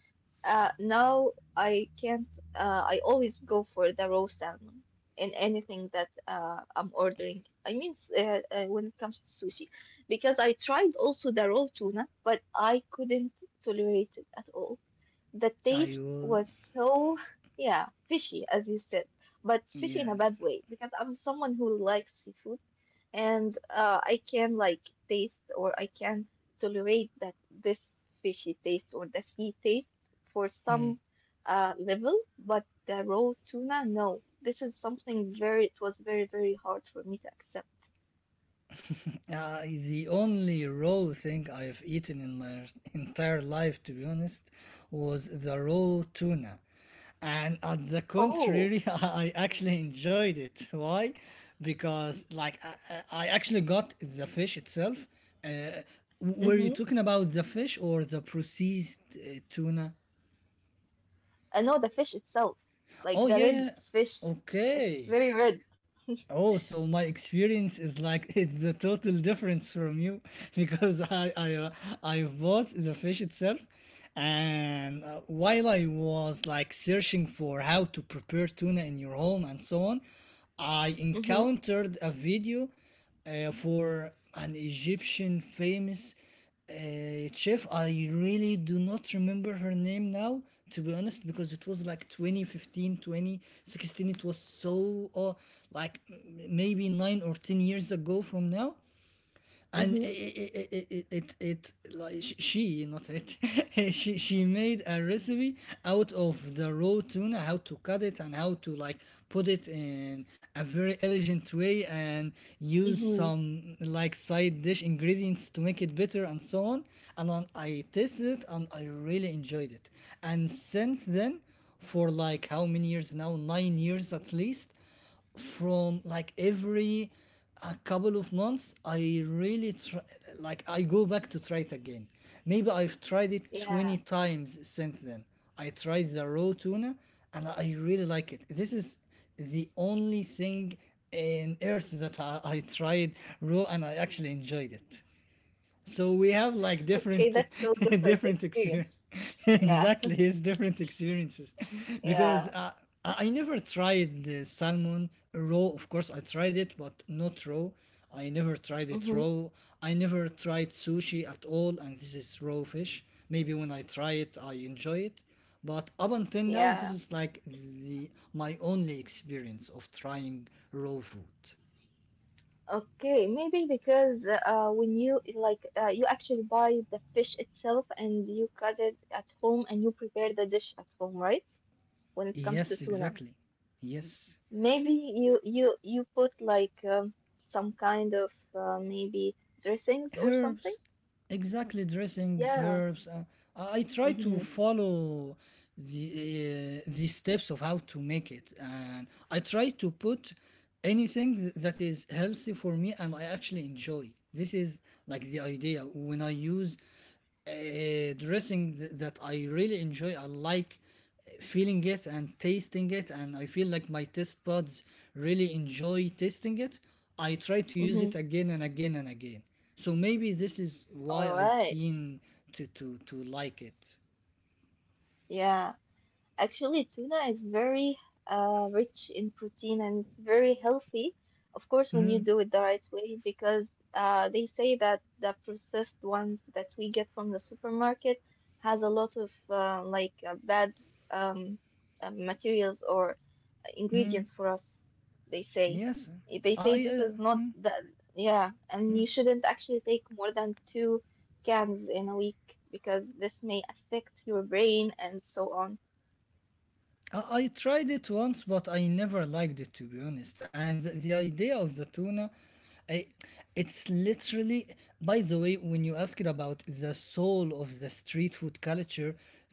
S1: now I can't. I always go for the raw salmon in anything that I'm ordering. I mean, when it comes to sushi, because I tried also the raw tuna, but I couldn't tolerate it at all. The
S2: I
S1: taste
S2: will.
S1: was so, yeah, fishy, as you said, but fishy in a bad
S2: Yes.
S1: way because I'm someone who likes seafood and I can like taste or I can tolerate that this fishy taste or the sea taste for
S2: Hmm.
S1: some level, but the raw tuna, no. This is something it was very, very hard for me to accept.
S2: The only raw thing I've eaten in my entire life, to be honest, was the raw tuna. And on the
S1: Oh,
S2: contrary, I actually enjoyed it. Why? Because, like, I actually got the fish itself. Uh, were
S1: mm-hmm.
S2: you talking about the fish or the processed tuna?
S1: I know the fish itself, like the
S2: Oh, yeah,
S1: red
S2: yeah.
S1: fish. It's
S2: Okay.
S1: very red.
S2: Oh, so my experience is like the total difference from you, because I bought the fish itself, and while I was like searching for how to prepare tuna in your home and so on, I
S1: Mm-hmm.
S2: encountered a video for an Egyptian famous chef. I really do not remember her name now, to be honest, because it was like 2015, 2016. It was so like maybe 9 or 10 years ago from now. And it like she, not it, she made a recipe out of the raw tuna, how to cut it and how to like put it in a very elegant way, and use
S1: Hmm.
S2: some like side dish ingredients to make it better and so on. And then I tasted it and I really enjoyed it. And since then, for like how many years now, 9 years at least, from like every a couple of months, I really try, like I go back to try it again. Maybe I've tried it
S1: Yeah.
S2: 20 times since then. I tried the raw tuna, and I really like it. This is the only thing in earth that I tried raw and I actually enjoyed it. So we have like
S1: Okay, that's so
S2: different,
S1: different
S2: different
S1: experience.
S2: experience.
S1: Yeah.
S2: Exactly, it's different experiences.
S1: Yeah.
S2: Because I never tried the salmon raw. Of course, I tried it, but not raw, I never tried it
S1: Hmm.
S2: raw. I never tried sushi at all, and this is raw fish. Maybe when I try it, I enjoy it. But up until now, this
S1: Yeah.
S2: is like the, my only experience of trying raw food.
S1: Okay, maybe because when you like you actually buy the fish itself and you cut it at home and you prepare the dish at home, right? When it comes to
S2: Yes,
S1: tuna,
S2: exactly, yes.
S1: maybe you put like some kind of maybe dressings or something.
S2: Herbs. Exactly, dressings,
S1: Yeah.
S2: herbs, I try to
S1: Mm-hmm.
S2: follow the steps of how to make it, and I try to put anything that is healthy for me, and I actually enjoy. This is like the idea. When I use a dressing that I really enjoy, I like feeling it and tasting it, and I feel like my taste buds really enjoy tasting it. I try to use it
S1: Mm-hmm.
S2: again and again and again. So maybe this is why
S1: All
S2: I
S1: right.
S2: keen to to like it.
S1: Yeah. Actually, tuna is very rich in protein and it's very healthy. Of course, when you do it the right way, because they say that the processed ones that we get from the supermarket has a lot of bad um, materials or ingredients for us. They say
S2: Yes,
S1: they say
S2: i
S1: this
S2: uh,
S1: is not that yeah, and you shouldn't actually take more than two cans in a week because this may affect your brain and so on.
S2: I tried it once, but I never liked it, to be honest. And the idea of the tuna, I, it's literally. By the way, when you asked about the soul of the street food culture,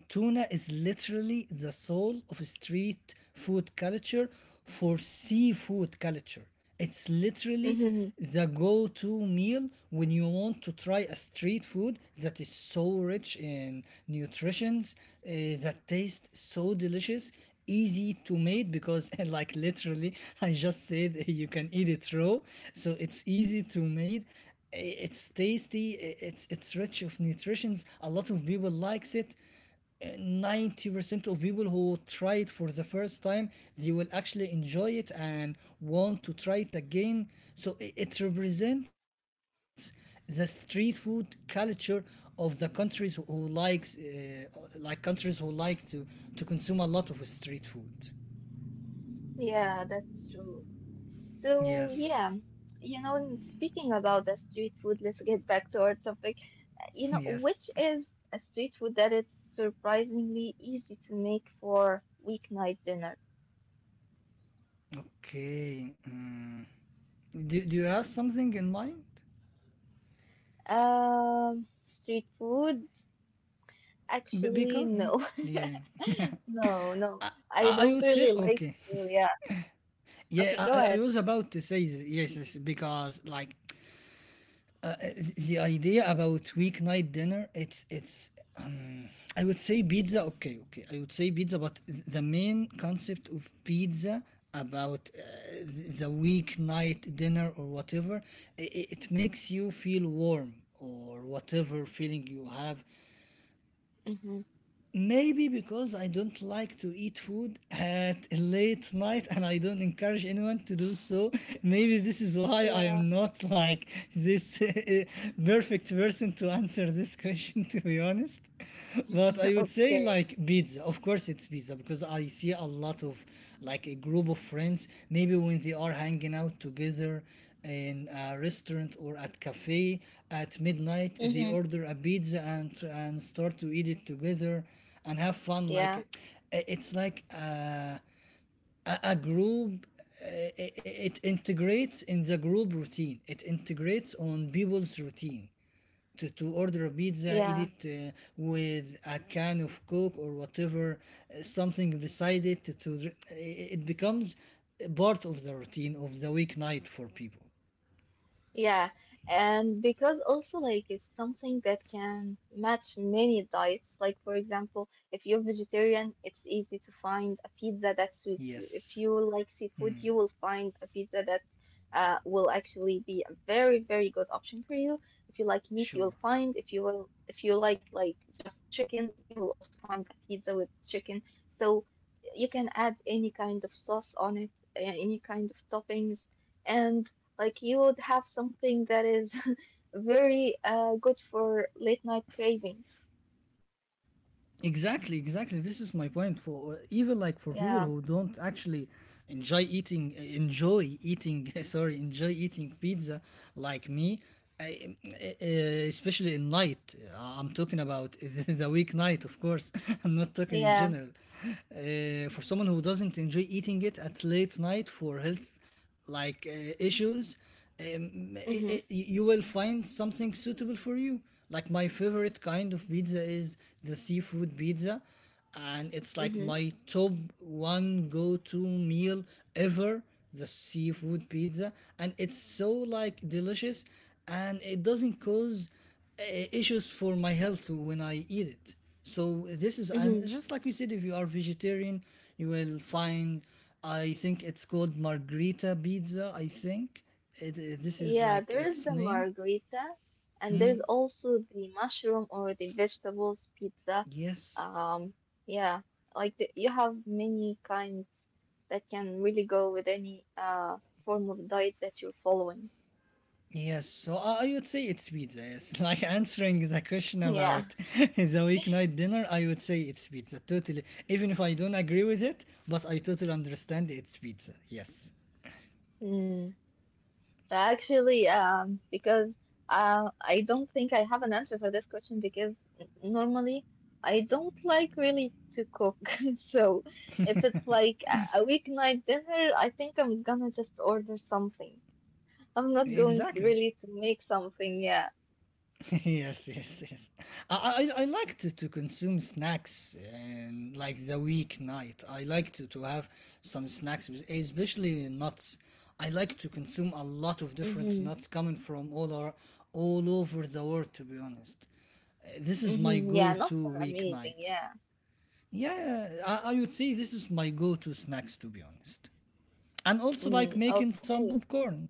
S2: tuna is literally the soul of street food culture for seafood culture. It's literally
S1: Mhm.
S2: the go to meal when you want to try a street food that is so rich in nutritions, uh, that tastes so delicious, easy to make because, like, literally, I just said you can eat it raw. So it's easy to make. It's tasty, it's rich of nutritions. A lot of people likes it. 90% of people who try it for the first time, they will actually enjoy it and want to try it again. So it represents the street food culture of the countries who likes like countries who like to consume a lot of street food.
S1: Yeah, that's true. So,
S2: Yes.
S1: yeah, you know, speaking about the street food, let's get back to our topic. You know,
S2: Yes.
S1: which is a street food that is surprisingly easy to make for weeknight dinner.
S2: Okay. Mm. Do you have something in mind?
S1: Street food? Actually,
S2: Bika? Mm?
S1: no.
S2: Yeah, yeah.
S1: No, no. I
S2: I
S1: don't
S2: would
S1: really
S2: say
S1: like,
S2: okay.
S1: yeah.
S2: Yeah,
S1: Okay, go
S2: I
S1: ahead.
S2: was about to say this, yes, yes, because like uh, the idea about weeknight dinner, it's. Um, I would say pizza. Okay, okay. I would say pizza, but the main concept of pizza about the weeknight dinner or whatever, it makes you feel warm or whatever feeling you have.
S1: Hmm.
S2: Maybe because I don't like to eat food at a late night and I don't encourage anyone to do so. Maybe this is why I
S1: Yeah.
S2: am not like this, perfect person to answer this question, to be honest. But I would say
S1: Okay.
S2: like pizza. Of course, it's pizza because I see a lot of like a group of friends. Maybe when they are hanging out together, in a restaurant or at cafe at midnight, they
S1: Hmm.
S2: order a pizza and start to eat it together and have fun like
S1: Yeah,
S2: it's like a group, it integrates in the group routine, it integrates on people's routine to order a
S1: yeah.
S2: pizza, eat it, with a can of Coke or whatever, something beside it. It becomes part of the routine of the weeknight for people.
S1: Yeah, and because also like it's something that can match many diets. Like for example, if you're vegetarian, it's easy to find a pizza that suits
S2: Yes,
S1: you. If you like seafood, you will find a pizza that will actually be a very, very good option for you. If you like meat,
S2: sure.
S1: you'll find. If you will, if you like just chicken, you will also find a pizza with chicken. So you can add any kind of sauce on it, any kind of toppings. And. Like you would have something that is very good for late night cravings.
S2: Exactly, exactly. This is my point for even like for people who
S1: Yeah,
S2: don't actually enjoy eating, sorry, enjoy eating pizza like me. I, uh, uh, especially in night, I'm talking about the weeknight, of course. I'm not talking in
S1: yeah.
S2: general. For someone who doesn't enjoy eating it at late night for health like issues, I
S1: Mhm,
S2: you will find something suitable for you, like my favorite kind of pizza is the seafood pizza, and it's like
S1: mhm,
S2: my top one go-to meal ever, the seafood pizza. And it's so like delicious and it doesn't cause issues for my health when I eat it. So this is, and
S1: mhm.
S2: just like we said, if you are vegetarian, you will find, I think it's called Margherita Pizza. I think this is
S1: Yeah,
S2: like
S1: there is
S2: its
S1: the
S2: name.
S1: margarita, and there's also the mushroom or the vegetables pizza.
S2: Yes.
S1: Um, yeah, you have many kinds that can really go with any form of diet that you're following.
S2: Yes, so I would say it's pizza. Yes, like answering the question about the weeknight dinner, I would say it's pizza. Totally, even if I don't agree with it, but I totally understand it's pizza. Yes,
S1: Yeah. Actually, because I don't think I have an answer for this question because normally I don't like really to cook. So if it's like a weeknight dinner, I think I'm gonna just order something. I'm not going to
S2: exactly.
S1: really to make something. Yeah.
S2: Yes, yes, yes. I like to consume snacks and like the weeknight. I like to have some snacks, especially nuts. I like to consume a lot of different
S1: Mm-hmm.
S2: nuts coming from all over the world. To be honest, this is my
S1: Mm-hmm. Yeah, not
S2: go-to
S1: so amazing.
S2: weeknight.
S1: Yeah.
S2: Yeah, I would say this is my go-to snacks. To be honest, and also like
S1: Mm,
S2: making some
S1: okay.
S2: popcorn,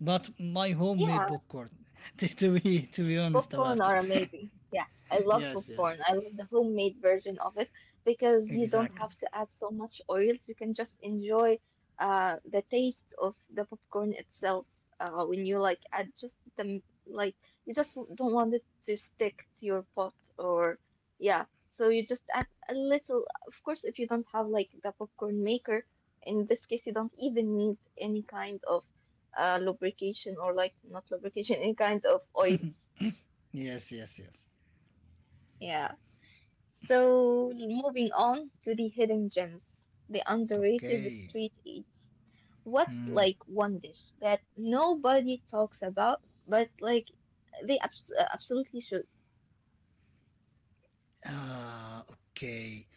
S2: but my homemade
S1: Yeah,
S2: popcorn, to be honest
S1: popcorn
S2: about it.
S1: are amazing. Yeah, I love
S2: Yes, yes.
S1: popcorn. I love the homemade version of it because you don't
S2: Exactly.
S1: have to add so much oils. You can just enjoy the taste of the popcorn itself when you like add just the like you just don't want it to stick to your pot or yeah. So you just add a little. Of course, if you don't have like the popcorn maker, in this case you don't even need any kind of lubrication or like not lubrication, any kind of oils.
S2: Yes, yes, yes.
S1: Yeah. So moving on to the hidden gems, the underrated
S2: Okay.
S1: street eats. What's like one dish that nobody talks about, but like they absolutely should.
S2: Uh, okay.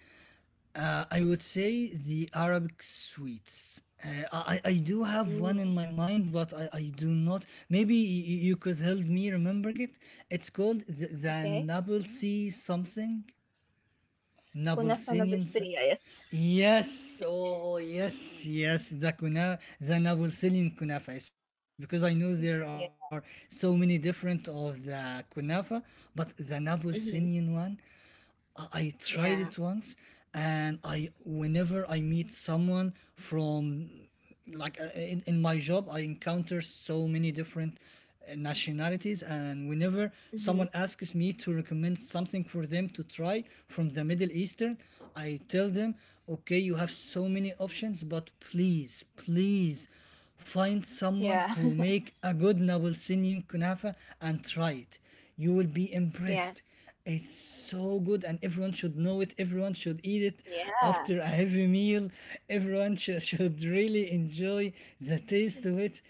S2: I would say the Arabic sweets. I do have one
S1: Mm,
S2: in my mind, but I do not. Maybe you could help me remember it. It's called the
S1: okay.
S2: Nablesi something.
S1: كنافة
S2: Nabelsinian.
S1: بالسرية, yes.
S2: Yes, oh yes, yes. The kuna, the Napolitan kunafa. It's because I know there are so
S1: Yeah.
S2: many different of the kunafa, but the Napolitan one,
S1: hmm
S2: I tried it once,
S1: Yeah.
S2: and I whenever I meet someone from like in my job, I encounter so many different nationalities, and whenever someone
S1: hmm
S2: asks me to recommend something for them to try from the Middle Eastern, I tell them, okay, you have so many options, but please, please find someone
S1: Yeah.
S2: who make a good Nablusian kunafa and try it. You will be
S1: Yeah.
S2: impressed. It's so good, and everyone should know it. Everyone should eat it
S1: Yeah.
S2: after a heavy meal. Everyone should really enjoy the taste of it.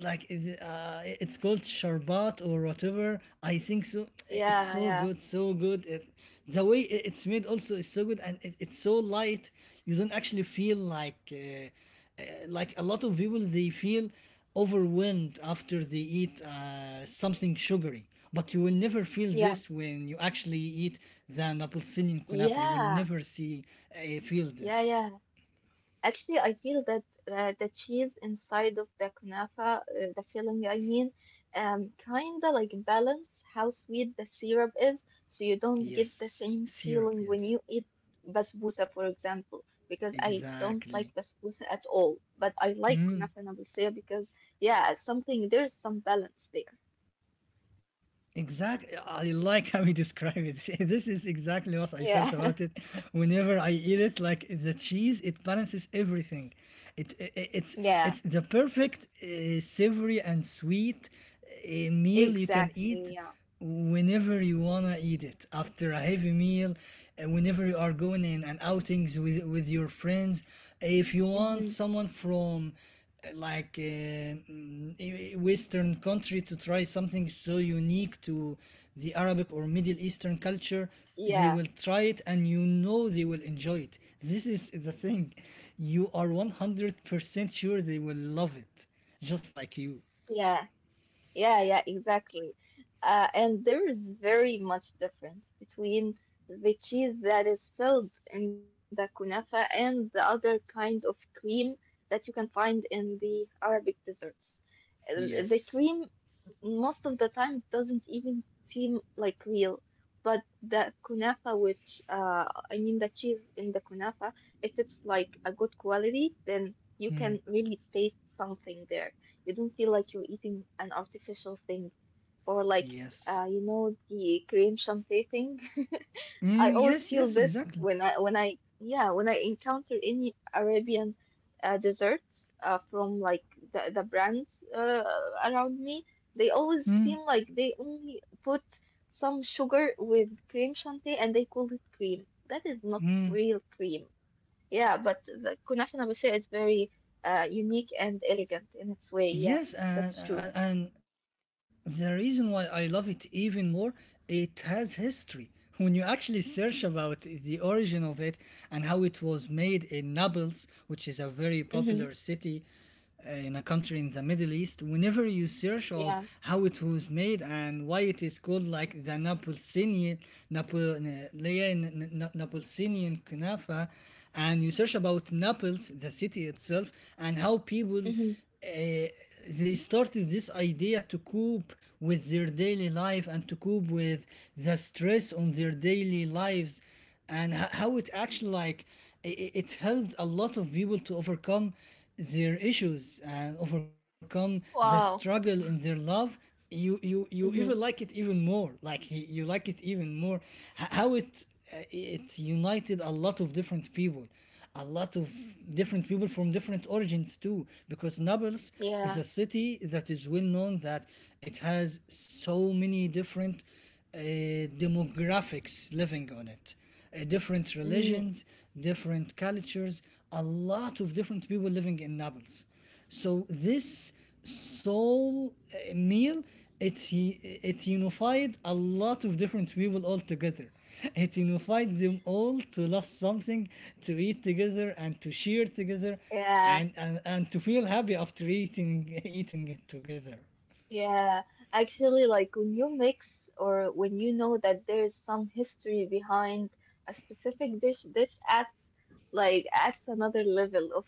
S2: Like it's called sharbat or whatever. I think so. It's so
S1: Yeah.
S2: good, so good. It, the way it's made also is so good, and it's so light. You don't actually feel like a lot of people they feel overwhelmed after they eat something sugary, but you will never feel
S1: Yeah. Yeah.
S2: this when you actually eat the Naples-Syrian kunafa. You will
S1: Yeah.
S2: never see feel
S1: Yeah.
S2: this.
S1: Yeah. Actually, I feel that the cheese inside of the kunafa, the filling, I mean, kinda like balance how sweet the syrup is, so you don't get the same
S2: Yes,
S1: feeling when
S2: syrup.
S1: you eat
S2: Yes,
S1: basbousa, for example, because I don't like
S2: exactly.
S1: basbousa at all, but I like kunafa and abusea because, yeah, something there's some balance there.
S2: Exactly. I like how you describe it. This is exactly what I
S1: Yeah,
S2: felt about it. Whenever I eat it, like the cheese, it balances everything. It's
S1: yeah,
S2: the perfect savory and sweet meal you can eat
S1: exactly. Yeah,
S2: whenever you wanna eat it after a heavy meal, whenever you are going in and outings with your friends, if you want
S1: hmm
S2: someone from uh, like uh, western country to try something so unique to the arabic or middle eastern culture, they
S1: yeah,
S2: will try it and you know they will enjoy it. This is the thing, you are 100% sure they will love it, just like you.
S1: yeah. Yeah, yeah, exactly. And there is very much difference between the cheese that is filled in the kunafa and the other kind of cream that you can find in the Arabic desserts. The
S2: Yes.
S1: cream most of the time it doesn't even seem like real. But the kunafa, which I mean the cheese in the kunafa, if it's like a good quality, then you
S2: Hmm.
S1: can really taste something there. You don't feel like you're eating an artificial thing, or like
S2: Yes.
S1: you know the cream chantilly thing. I
S2: Mm,
S1: always
S2: yes,
S1: feel
S2: yes,
S1: this
S2: exactly.
S1: when I yeah when I encounter any Arabian desserts from like the brands around me, they always seem like they only put some sugar with cream shanty and they call it cream. That is not real cream. Yeah, but the kunafa nabatiya is very unique and elegant in its way. Yeah,
S2: Yes, and,
S1: that's true.
S2: and and the reason why I love it even more, it has history. When you actually search about the origin of it and how it was made in Naples, which is a very popular
S1: Mm-hmm.
S2: city in a country in the Middle East, whenever you search of
S1: Yeah.
S2: how it was made and why it is called like the Napulsinian, Napol, Napulsinian Kunafa, and you search about Naples, the city itself, and how people
S1: Mm-hmm.
S2: uh, they started this idea to cope with their daily life and to cope with the stress on their daily lives, and how it actually like it helped a lot of people to overcome their issues and overcome the struggle
S1: Wow.
S2: in their love. You even
S1: Mm-hmm.
S2: like it even more, like you like it even more. How it, it united a lot of different people, a lot of different people from different origins too, because Naples is
S1: Yeah.
S2: a city that is well known that it has so many different demographics living on it, different
S1: Mm.
S2: religions, different cultures, a lot of different people living in Naples. So this soul meal, it unified a lot of different people all together. It unified them all to love something, to eat together, and to share together,
S1: Yeah.
S2: and to feel happy after eating eating it together.
S1: Yeah, actually, like when you mix or when you know that there's some history behind a specific dish, this adds like adds another level of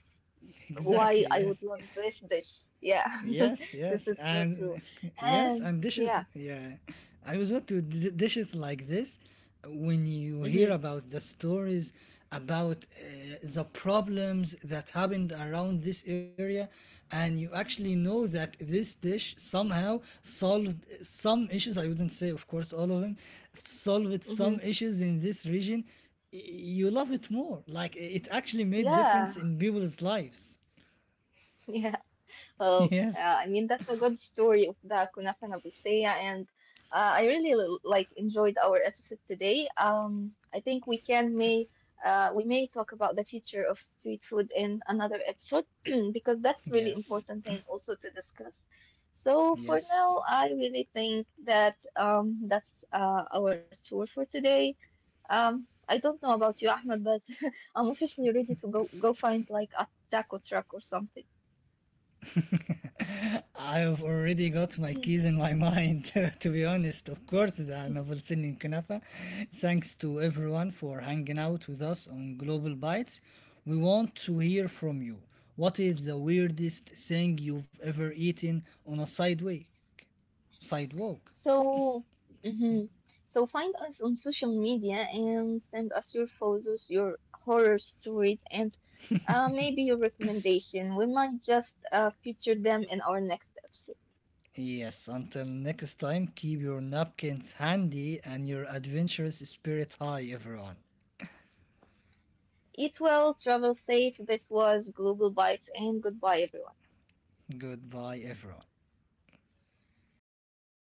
S1: why
S2: Exactly.
S1: I would
S2: Yes.
S1: love this dish. Yeah,
S2: Yes,
S1: this
S2: yes,
S1: is so true.
S2: and yes,
S1: And
S2: and dishes.
S1: yeah,
S2: Yeah, I was what to dishes like this, when you hear
S1: mm-hmm,
S2: about the stories about the problems that happened around this area, and you actually know that this dish somehow solved some issues. I wouldn't say, of course, all of them solved
S1: mm-hmm,
S2: some issues in this region. You love it more. Like it actually made difference
S1: yeah,
S2: in people's lives.
S1: yeah. Well,
S2: Yes.
S1: I mean, that's a good story of the Kunafa Nabusteya, and I really like enjoyed our episode today. I think we can may we may talk about the future of street food in another episode because that's really
S2: Yes.
S1: important thing also to discuss. So for
S2: Yes.
S1: now, I really think that that's our tour for today. I don't know about you, Ahmed, but I'm officially ready to go find like a taco truck or something.
S2: I've already got my keys in my mind, to be honest. Of course, the novel Sinin Kanafa. Thanks to everyone for hanging out with us on Global Bites. We want to hear from you. What is the weirdest thing you've ever eaten on a sidewalk? Sidewalk.
S1: So, mhm. So find us on social media and send us your photos, your horror stories, and maybe your recommendation. We might just feature them in our next episode.
S2: Yes, until next time, keep your napkins handy and your adventurous spirit high, everyone.
S1: Eat well, travel safe. This was Global Bites, and goodbye, everyone.
S2: Goodbye, everyone.